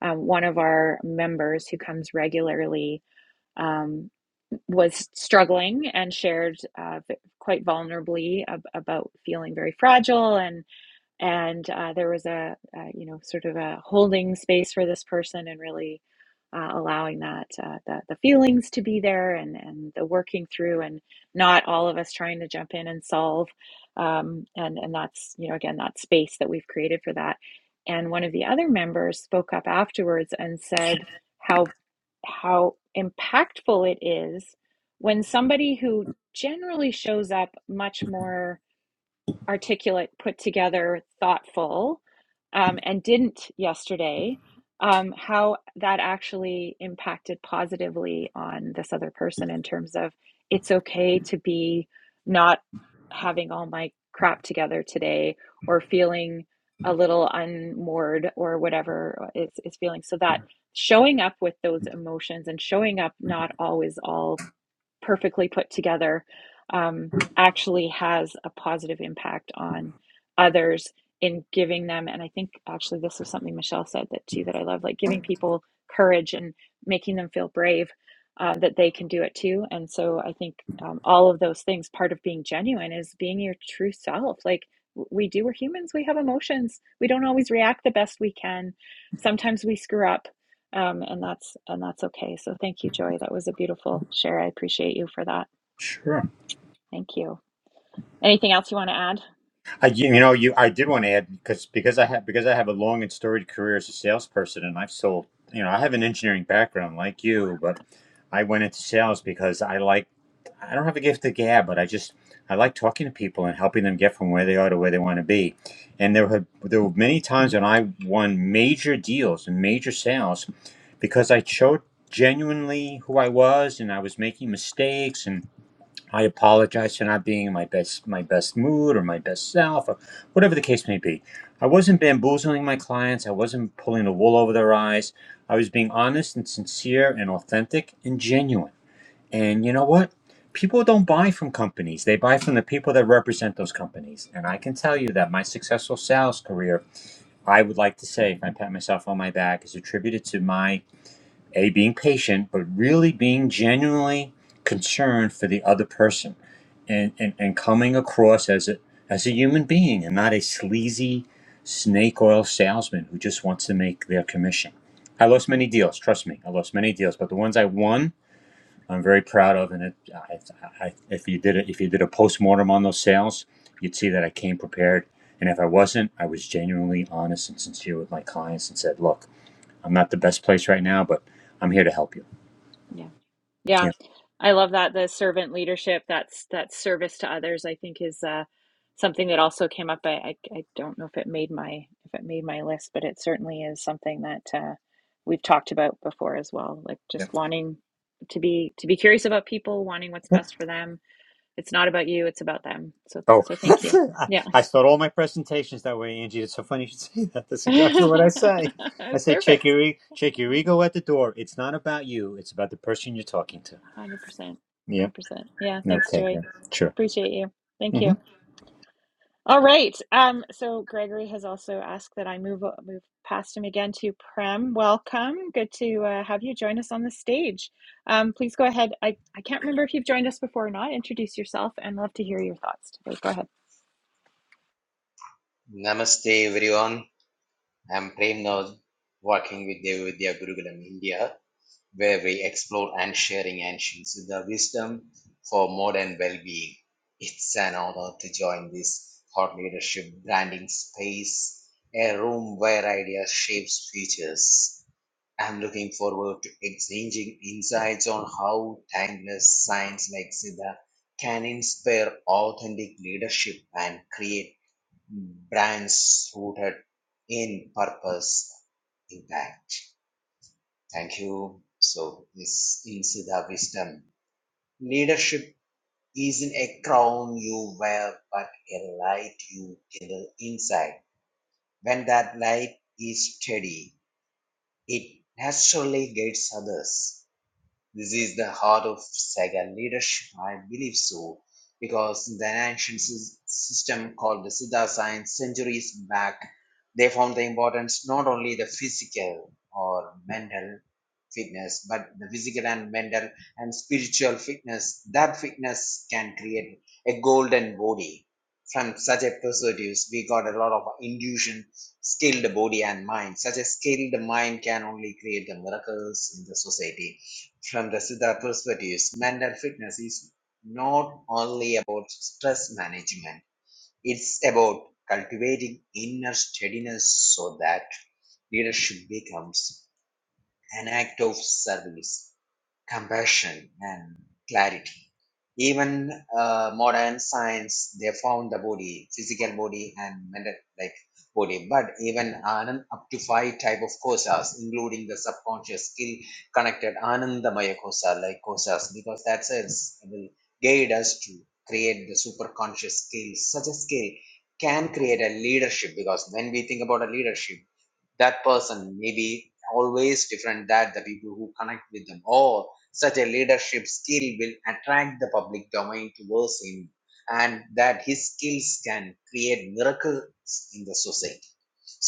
[SPEAKER 1] um, one of our members who comes regularly um, was struggling and shared uh, v- quite vulnerably ab- about feeling very fragile and and uh, there was a, a you know sort of a holding space for this person and really uh, allowing that uh, the, the feelings to be there and and the working through and not all of us trying to jump in and solve um, and and that's you know again that space that we've created for that and one of the other members spoke up afterwards and said how how impactful it is when somebody who generally shows up much more articulate, put together, thoughtful, um, and didn't yesterday, um, how that actually impacted positively on this other person in terms of it's okay to be not having all my crap together today or feeling a little unmoored or whatever it's, it's feeling. So that showing up with those emotions and showing up not always all perfectly put together um, actually has a positive impact on others in giving them and i think actually this was something michelle said that too that i love like giving people courage and making them feel brave uh, that they can do it too and so i think um, all of those things part of being genuine is being your true self like we do we're humans we have emotions we don't always react the best we can sometimes we screw up um, and that's and that's okay. So thank you, Joy. That was a beautiful share. I appreciate you for that.
[SPEAKER 4] Sure.
[SPEAKER 1] Thank you. Anything else you want to add?
[SPEAKER 4] I, you you know, you I did want to add because because I have because I have a long and storied career as a salesperson, and I've sold. You know, I have an engineering background like you, but I went into sales because I like. I don't have a gift of gab, but I just I like talking to people and helping them get from where they are to where they want to be. And there were there were many times when I won major deals and major sales because I showed genuinely who I was, and I was making mistakes, and. I apologize for not being in my best my best mood or my best self or whatever the case may be. I wasn't bamboozling my clients. I wasn't pulling the wool over their eyes. I was being honest and sincere and authentic and genuine. And you know what? People don't buy from companies. They buy from the people that represent those companies. And I can tell you that my successful sales career, I would like to say, if I pat myself on my back, is attributed to my a, being patient, but really being genuinely concerned for the other person and, and, and coming across as a, as a human being and not a sleazy snake oil salesman who just wants to make their commission. I lost
[SPEAKER 1] Mm,
[SPEAKER 4] many deals, trust me. I lost many deals, but the ones I won, I'm very proud of. And it, I, I, if you did a, if you did a postmortem on those sales, you'd see that I came prepared. And if I wasn't, I was genuinely honest and sincere with my clients and said, "Look, I'm not the best place right now, but I'm here to help you."
[SPEAKER 1] Yeah, yeah.
[SPEAKER 4] Yeah.
[SPEAKER 1] I love that the servant leadership. That's that service to others. I think is uh, something that also came up. I, I I don't know if it made my if it made my list, but it certainly is something that uh, we've talked about before as well. Like
[SPEAKER 4] Yeah.
[SPEAKER 1] just wanting to be to be curious about people, wanting what's
[SPEAKER 4] Yep.
[SPEAKER 1] best for them. It's not about you. It's about them. So
[SPEAKER 4] Oh,
[SPEAKER 1] so thank you.
[SPEAKER 4] I,
[SPEAKER 1] Yeah.
[SPEAKER 4] I start all my presentations that way, Angie. It's so funny you should say that. That's exactly what I
[SPEAKER 1] Perfect.
[SPEAKER 4] say. I say, check your e- check your ego at the door. It's not about you. It's about the person you're talking to.
[SPEAKER 1] 100%. 100%.
[SPEAKER 4] Yeah.
[SPEAKER 1] Yeah, thanks,
[SPEAKER 4] Okay.
[SPEAKER 1] Joy.
[SPEAKER 4] Yeah. Sure.
[SPEAKER 1] Appreciate you. Thank you. All right. Um, so Gregory has also asked that I move move past him again to Prem. Welcome. Good to uh, have you join us on the stage. Um, please go ahead. I, I can't remember if you've joined us before or not. Introduce yourself and love to hear your thoughts today. Go ahead.
[SPEAKER 5] Namaste, everyone. I'm Prem Nod, working with Devavidya Gurukulam India, where we explore and sharing ancient Siddha wisdom for modern well-being. It's an honor to join this thought leadership branding space, a room where ideas shapes futures. I'm looking forward to exchanging insights on how timeless science like Siddha can inspire authentic leadership and create brands rooted in purpose impact. Thank you. So this is the wisdom. Leadership isn't a crown you wear, but a light you kindle inside. When that light is steady, it naturally guides others. This is the heart of Saigon leadership, I believe so, because the ancient sys- system called the Siddha science centuries back, they found the importance not only the physical or mental fitness, but the physical and mental and spiritual fitness. That fitness can create a golden body. From such a perspective, we got a lot of intuition, skilled body and mind. Such a skilled mind can only create the miracles in the society from Rasida perspectives, mental fitness is not only about stress management, it's about cultivating inner steadiness so that leadership becomes an act of service compassion and clarity. Even uh, modern science, they found the body, physical body and mental like body. But even Anand, up to five type of kosas, including the subconscious skill connected Anandamaya kosa, like kosas, because that sense will guide us to create the superconscious skill. Such a skill can create a leadership because when we think about a leadership that person maybe always different that the people who connect with them or such a leadership skill will attract the public domain towards him and that his skills can create miracles in the society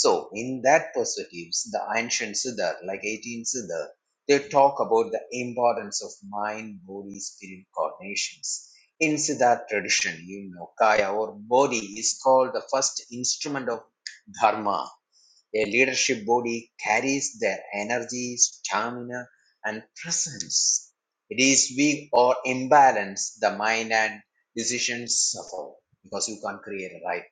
[SPEAKER 5] so in that perspective, the ancient siddha like 18th siddha they talk about the importance of mind body spirit coordinations in Siddharth tradition, you know, kaya or body is called the first instrument of dharma a leadership body carries their energy, stamina, and presence. It is weak or imbalanced, the mind and decisions suffer because you can't create a right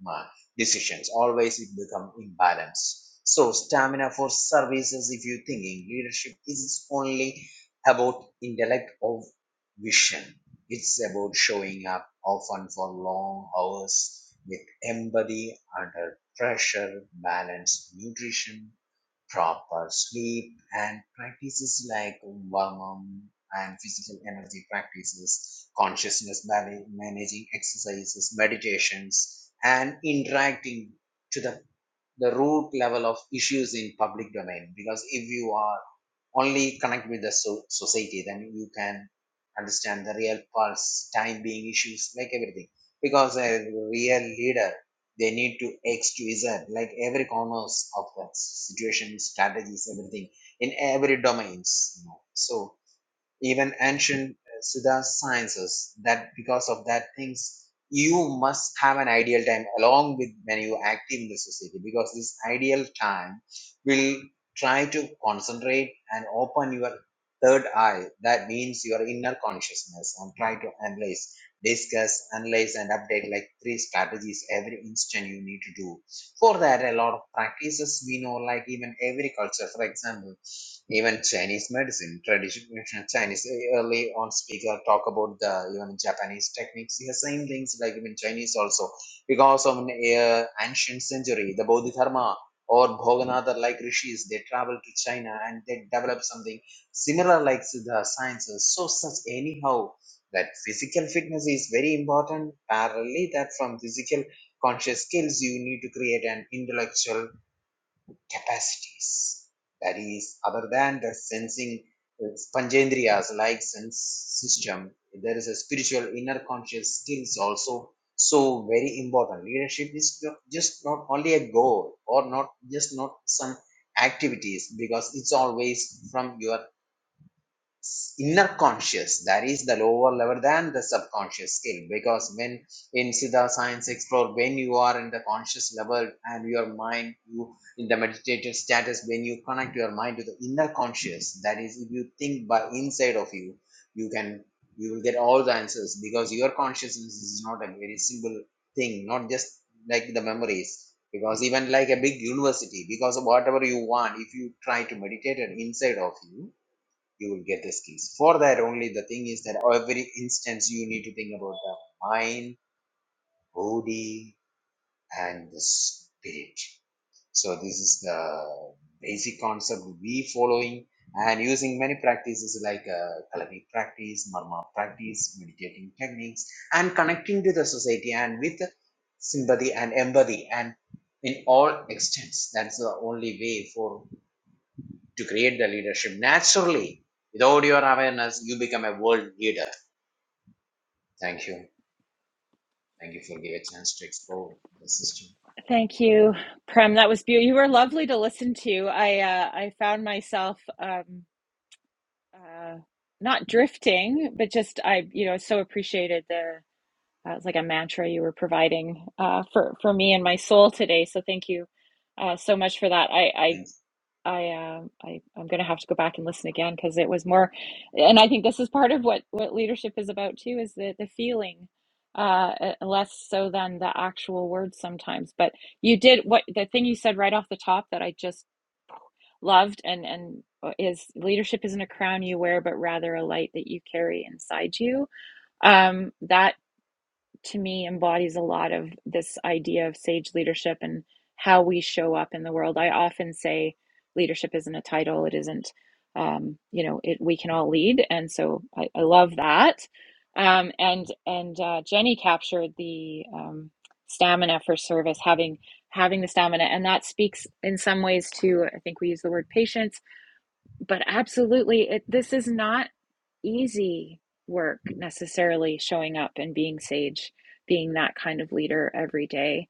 [SPEAKER 5] ma- decisions. Always it become imbalanced. So stamina for services, if you're thinking leadership is only about intellect or vision. It's about showing up often for long hours with empathy and uh, pressure, balanced nutrition, proper sleep, and practices like warm and physical energy practices, consciousness mana- managing exercises, meditations, and interacting to the the root level of issues in public domain because if you are only connect with the so- society then you can understand the real pulse time being issues like everything because a real leader they need to x to z like every corners of the situation strategies everything in every domains you know so even ancient uh, Siddha sciences, that because of that things, you must have an ideal time along with when you active in the society because this ideal time will try to concentrate and open your third eye. That means your inner consciousness and try to analyze, discuss, analyze and update like three strategies every instant you need to do. For that, a lot of practices we know like even every culture, for example, even Chinese medicine, traditional Chinese. eh, Early on, speaker talk about the even Japanese techniques. The same things like even Chinese also, because of an uh, ancient century, the Bodhidharma or Bhoganatha like rishis, they travel to China and they develop something similar like the sciences. So such anyhow. That physical fitness is very important. Parallelly, that from physical conscious skills, you need to create an intellectual capacities. That is, other than the sensing uh, like sense system, there is a spiritual inner conscious skills also. So very important. Leadership is not- just not only a goal or not just not some activities because it's always from your inner conscious that is the lower level than the subconscious skill because when in siddha science explore when you are in the conscious level and your mind you in the meditative status when you connect your mind to the inner conscious that is if you think by inside of you you can you will get all the answers because your consciousness is not a very simple thing not just like the memories because even like a big university because of whatever you want if you try to meditate it inside of you you will get the skills. For that only, the thing is that every instance you need to think about the mind, body, and the spirit. So this is the basic concept we following and using many practices like uh, Kalani practice, Marma practice, meditating techniques, and connecting to the society and with sympathy and empathy and in all extents. That's the only way for to create the leadership naturally without your awareness you become a world leader thank you thank you for giving a chance to explore the system
[SPEAKER 1] Thank you, Prem. That was beautiful. You were lovely to listen to. I uh, I found myself. Um, uh, not drifting, but just I, you know, so appreciated the uh, it's like a mantra you were providing uh, for for me and my soul today. So thank you uh, so much for that. I
[SPEAKER 5] thank, you.
[SPEAKER 1] I I um I I'm gonna have to go back and listen again because it was more, and I think this is part of what what leadership is about too is the the feeling. Uh, uh, less so than the actual words sometimes, but you did what the thing you said right off the top that I just loved and and uh, is leadership isn't a crown you wear but rather a light that you carry inside you um that to me embodies a lot of this idea of sage leadership and how we show up in the world i often say leadership isn't a title it isn't um you know it we can all lead and so i, I love that um and and uh, jenny captured the um stamina for service having having the stamina and that speaks in some ways to i think we use the word patience but absolutely it this is not easy work necessarily showing up and being sage being that kind of leader every day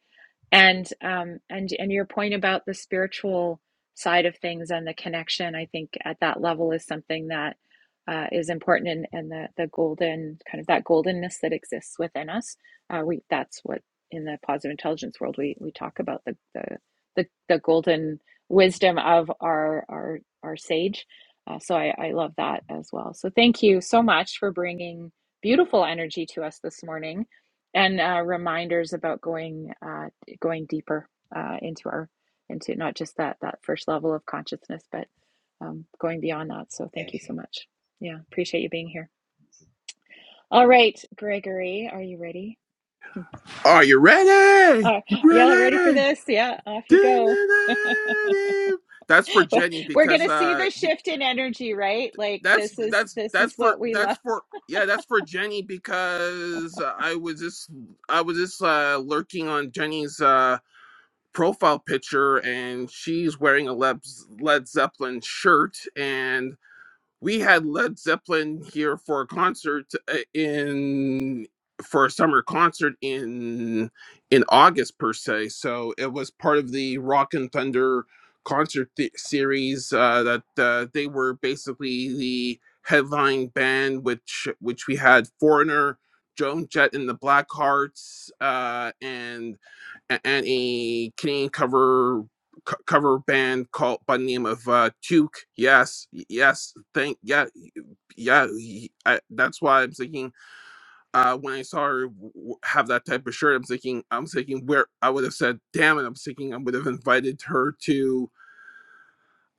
[SPEAKER 1] and um and and your point about the spiritual side of things and the connection i think at that level is something that uh, is important and, and the the golden kind of that goldenness that exists within us uh, we that's what in the positive intelligence world we we talk about the the the, the golden wisdom of our our our sage uh, so I, I love that as well so thank you so much for bringing beautiful energy to us this morning and uh, reminders about going uh, going deeper uh, into our into not just that that first level of consciousness, but um, going beyond that. So thank
[SPEAKER 5] thank
[SPEAKER 1] you
[SPEAKER 5] you
[SPEAKER 1] so much. Yeah, appreciate you being here. All right, Gregory, are you ready?
[SPEAKER 6] Are you ready?
[SPEAKER 1] Uh, y'all ready for
[SPEAKER 6] Ready?
[SPEAKER 1] this? Yeah, off you go.
[SPEAKER 6] That's for Jenny
[SPEAKER 1] We're
[SPEAKER 6] because
[SPEAKER 1] gonna see
[SPEAKER 6] uh
[SPEAKER 1] the
[SPEAKER 6] be-
[SPEAKER 1] shift in energy, right? Like
[SPEAKER 6] that's
[SPEAKER 1] this is
[SPEAKER 6] that's
[SPEAKER 1] this
[SPEAKER 6] that's
[SPEAKER 1] is
[SPEAKER 6] for
[SPEAKER 1] what we
[SPEAKER 6] that's
[SPEAKER 1] love.
[SPEAKER 6] for yeah that's for Jenny because I was just I was just uh lurking on Jenny's uh profile picture and she's wearing a Led, Led Zeppelin shirt and we had Led Zeppelin here for a concert uh, in for a summer concert in in August per se. So it was part of the Rock and Thunder concert th- series uh, that uh, they were basically the headline band, which which we had Foreigner, Joan Jett and the Blackhearts, uh, and a- and a Canadian cover co- cover band called by the name of uh Duke. Yes, yes, thank yeah, yeah. y- I, that's why I'm thinking. Uh, when I saw her w- have that type of shirt, I'm thinking, I'm thinking where I would have said, "Damn it!" I'm thinking I would have invited her to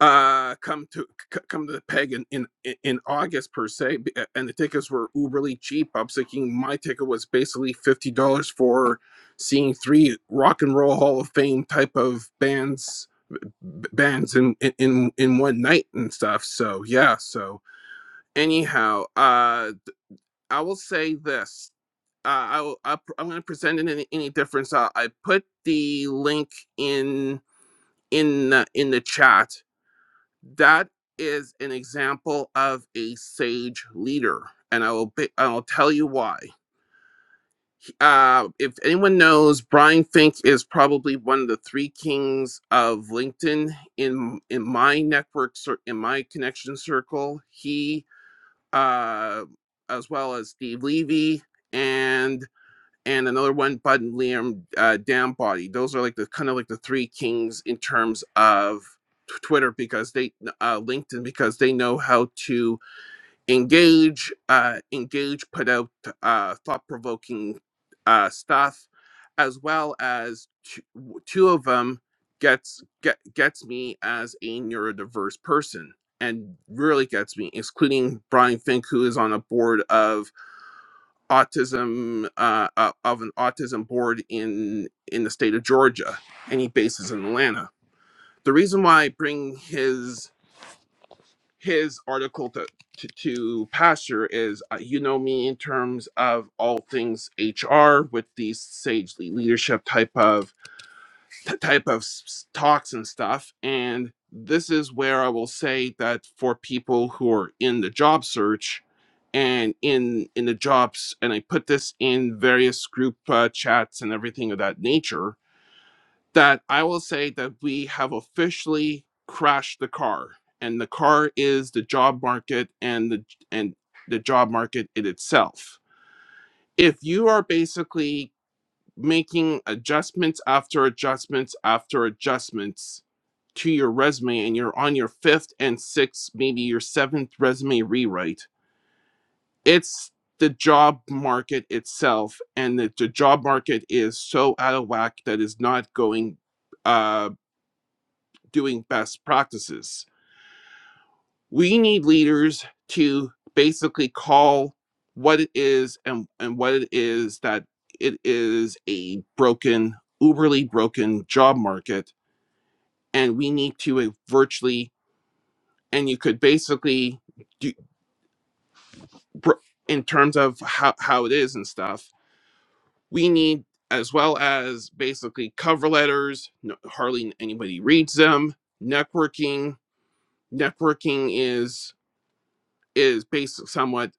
[SPEAKER 6] uh come to c- come to the peg in in in august per se b- a- and the tickets were uberly cheap i'm thinking my ticket was basically $50 for seeing three rock and roll hall of fame type of bands b- bands in in in one night and stuff so yeah so anyhow uh i will say this uh, I will, I, I'm going to present it any, any difference. Uh, I put the link in in the, in the chat. That is an example of a sage leader, and I will be, I will tell you why. uh, if anyone knows, Brian Fink is probably one of the three kings of LinkedIn in in my network, cir- in my connection circle. He, uh, as well as Steve Levy and and another one, Bud and Liam uh, Downbody. Those are like the kind of like the three kings in terms of t- Twitter because they uh, LinkedIn because they know how to engage uh, engage put out uh, thought-provoking uh, stuff as well as two, two of them gets get, gets me as a neurodiverse person and really gets me including brian fink who is on a board of autism uh, uh, of an autism board in in the state of georgia and he bases in atlanta the reason why i bring his his article to, to, to Pastor is uh, you know me in terms of all things HR with these sagely leadership type of t- type of s- s- talks and stuff and this is where I will say that for people who are in the job search and in in the jobs and I put this in various group uh, chats and everything of that nature that I will say that we have officially crashed the car, and the car is the job market and the and the job market in itself. If you are basically making adjustments after adjustments after adjustments to your resume and you're on your fifth and sixth, maybe your seventh resume rewrite, it's the job market itself, and the, the job market is so out of whack that is not going uh doing best practices. We need leaders to basically call what it is and, and what it is that it is a broken, uberly broken job market. And we need to uh, virtually, and you could basically, do, in terms of how, how it is and stuff, we need as well as basically cover letters, no, hardly anybody reads them, networking. Networking is is based somewhat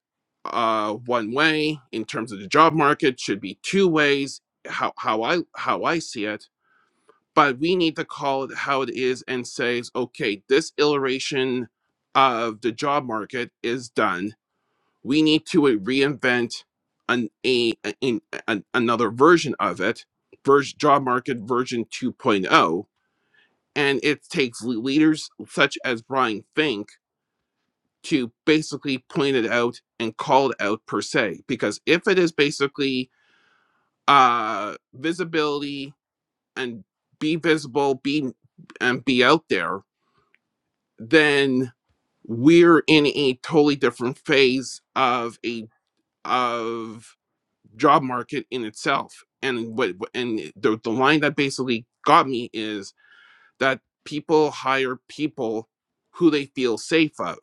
[SPEAKER 6] uh, one way in terms of the job market should be two ways how, how i how i see it but we need to call it how it is and say okay this iteration of the job market is done we need to uh, reinvent an, a, a- in, an, another version of it version, job market version 2.0 and it takes le- leaders such as brian fink to basically point it out and call it out per se. Because if it is basically uh, visibility and be visible, be and be out there, then we're in a totally different phase of a of job market in itself. And what and the, the line that basically got me is that people hire people who they feel safe of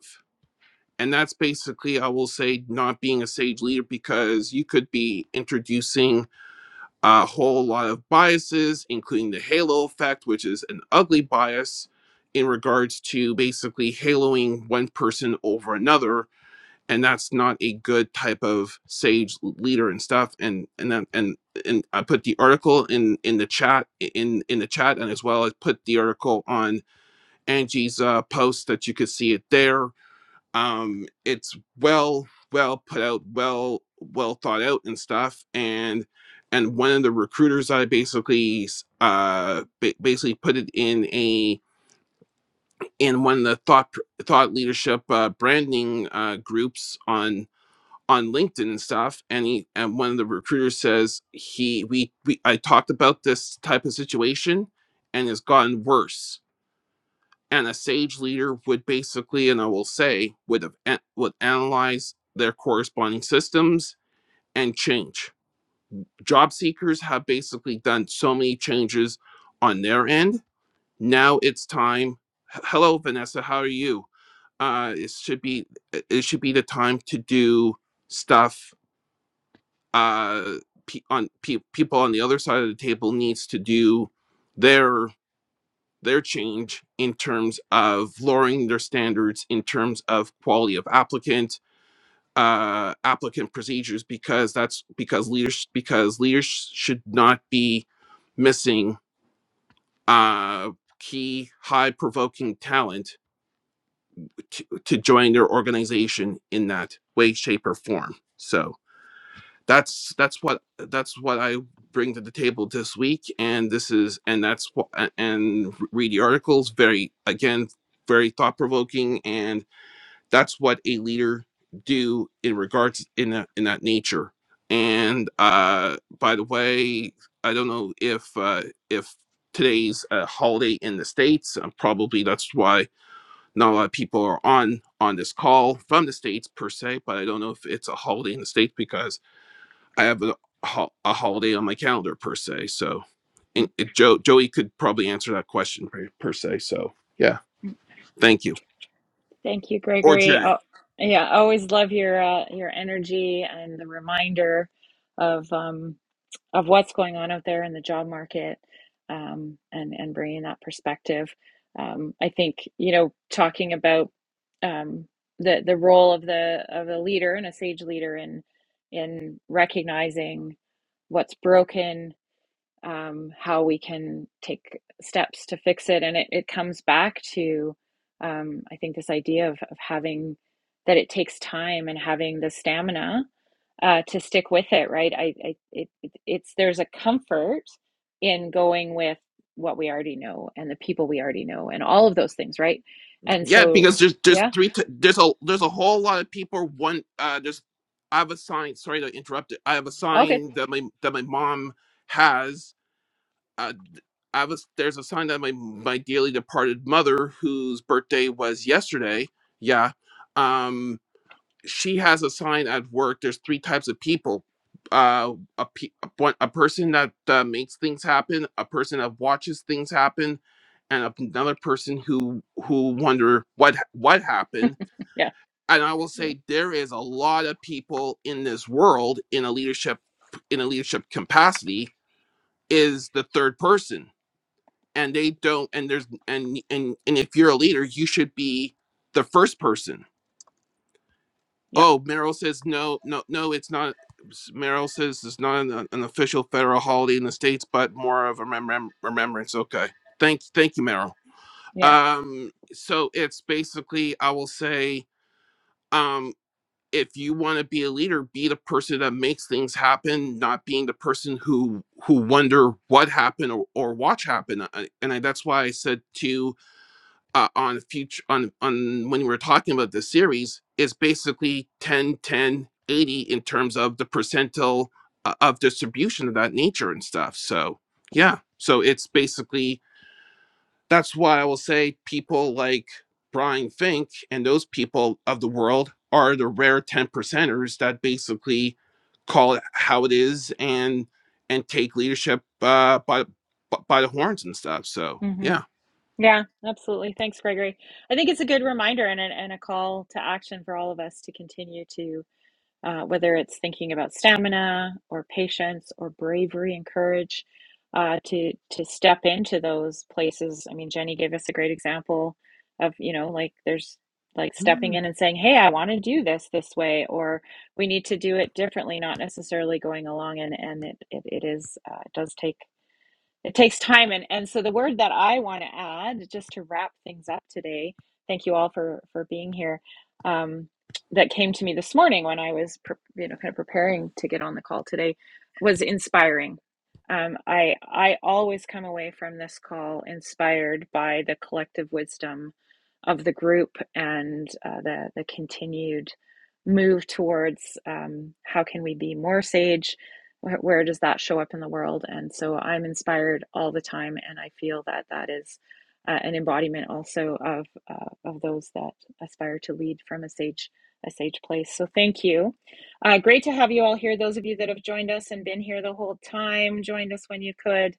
[SPEAKER 6] and that's basically i will say not being a sage leader because you could be introducing a whole lot of biases including the halo effect which is an ugly bias in regards to basically haloing one person over another and that's not a good type of sage leader and stuff and and then and and i put the article in in the chat in in the chat and as well as put the article on angie's uh, post that you could see it there um it's well well put out well well thought out and stuff and and one of the recruiters i basically uh ba- basically put it in a in one of the thought thought leadership uh branding uh groups on on linkedin and stuff and he and one of the recruiters says he we, we i talked about this type of situation and it's gotten worse and a sage leader would basically and i will say would have would analyze their corresponding systems and change job seekers have basically done so many changes on their end now it's time hello vanessa how are you uh it should be it it should be the time to do stuff uh pe- on pe- people on the other side of the table needs to do their their change in terms of lowering their standards in terms of quality of applicant uh applicant procedures because that's because leaders because leaders should not be missing uh key high provoking talent to, to join their organization in that way shape or form so that's that's what that's what I bring to the table this week, and this is and that's what and read the articles. Very again, very thought provoking, and that's what a leader do in regards in that in that nature. And uh, by the way, I don't know if uh, if today's a holiday in the states. Uh, probably that's why not a lot of people are on on this call from the states per se. But I don't know if it's a holiday in the states because I have a, a holiday on my calendar per se. So, and it, Joe Joey could probably answer that question per, per se. So, yeah, thank you.
[SPEAKER 1] Thank you,
[SPEAKER 6] Or
[SPEAKER 1] Gregory.
[SPEAKER 6] Jerry.
[SPEAKER 1] Oh, yeah, I always love your uh, your energy and the reminder of um, of what's going on out there in the job market um, and and bringing that perspective. Um, I think you know talking about um, the the role of the of a leader and a sage leader in in recognizing what's broken um, how we can take steps to fix it. And it, it comes back to, um, I think, this idea of, of having that it takes time and having the stamina uh, to stick with it, right? I, I it, it, it's there's a comfort in going with what we already know and the people we already know and all of those things, right? And
[SPEAKER 6] Yeah,
[SPEAKER 1] so,
[SPEAKER 6] because there's there's
[SPEAKER 1] yeah,
[SPEAKER 6] three t- there's a there's a whole lot of people. One uh, there's I have a sign. Sorry to interrupt. It. I have a
[SPEAKER 1] all good.
[SPEAKER 6] sign that my that my mom has. Uh, I have a, there's a sign that my my dearly departed mother, whose birthday was yesterday. Yeah. Um. she has a sign at work there's three types of people uh a, pe- a one- a person that uh, makes things happen a person that watches things happen and a- another person who who wonder what ha- what happened
[SPEAKER 1] Yeah,
[SPEAKER 6] and i will say there is a lot of people in this world in a leadership in a leadership capacity is the third person and they don't and there's and and and if you're a leader you should be the first person
[SPEAKER 1] yeah,
[SPEAKER 6] Oh, Merrill says no, no, no. It's not. Merrill says it's not an, an official federal holiday in the states, but more of a remem- remembrance. Okay, thank, thank you, Merrill.
[SPEAKER 1] yeah.
[SPEAKER 6] Um, so it's basically, I will say, um, if you want to be a leader, be the person that makes things happen, not being the person who who wonder what happened or, or watch happen. I, and I, that's why I said to uh, on future on on when we were talking about the series is basically 10 10 80 in terms of the percentile uh, of distribution of that nature and stuff so yeah so it's basically that's why i will say people like brian fink and those people of the world are the rare 10 percenters that basically call it how it is and and take leadership uh by by the horns and stuff so
[SPEAKER 1] Mm-hmm.
[SPEAKER 6] yeah
[SPEAKER 1] Yeah, absolutely. Thanks, Gregory. I think it's a good reminder and a, and a call to action for all of us to continue to, uh, whether it's thinking about stamina or patience or bravery and courage, uh, to to step into those places. I mean, Jenny gave us a great example of, you know, like there's like stepping
[SPEAKER 6] Mm.
[SPEAKER 1] in and saying, "Hey, I want to do this this way," or "We need to do it differently," not necessarily going along and and it it, it is uh, it does take. It takes time. And, and so the word that I want to add, just to wrap things up today, thank you all for, for being here, um, that came to me this morning when I was, pre- you know, kind of preparing to get on the call today was inspiring. Um, I, I always come away from this call inspired by the collective wisdom of the group and uh, the, the continued move towards um, how can we be more sage where, where does that show up in the world and so i'm inspired all the time and i feel that that is uh, an embodiment also of uh, of those that aspire to lead from a sage a sage place so thank you uh, great to have you all here those of you that have joined us and been here the whole time joined us when you could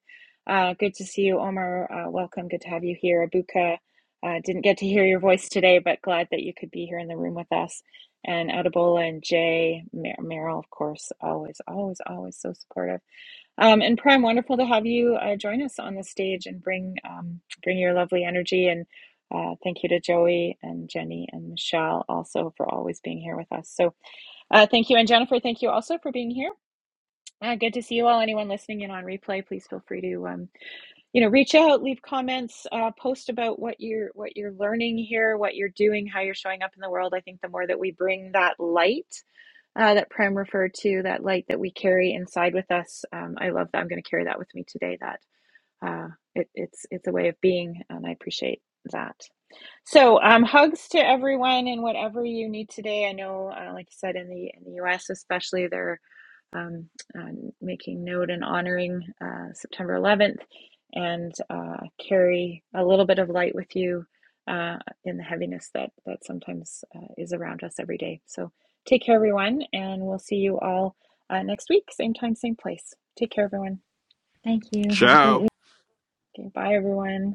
[SPEAKER 1] uh, good to see you omar uh, welcome good to have you here abuka uh, didn't get to hear your voice today but glad that you could be here in the room with us and Adebola and Jay, Mer- Meryl, of course, always, always, always so supportive. Um, and Prime, wonderful to have you uh, join us on the stage and bring um, bring your lovely energy. And uh, thank you to Joey and Jenny and Michelle also for always being here with us. So uh, thank you, and Jennifer, thank you also for being here. Uh, good to see you all. Anyone listening in on replay, please feel free to um, you know reach out, leave comments, uh, post about what you're what you're learning here, what you're doing, how you're showing up in the world. I think the more that we bring that light uh, that Prem referred to, that light that we carry inside with us. Um, I love that. I'm going to carry that with me today. That uh, it, it's it's a way of being, and I appreciate that. So um, hugs to everyone and whatever you need today. I know, uh, like you said, in the in the U.S. especially, there um, um, making note and honoring uh, September 11th, and uh, carry a little bit of light with you uh, in the heaviness that that sometimes uh, is around us every day. So take care, everyone, and we'll see you all uh, next week, same time, same place. Take care, everyone.
[SPEAKER 2] Thank you. Have a great week.
[SPEAKER 6] Ciao.
[SPEAKER 1] Okay, bye, everyone.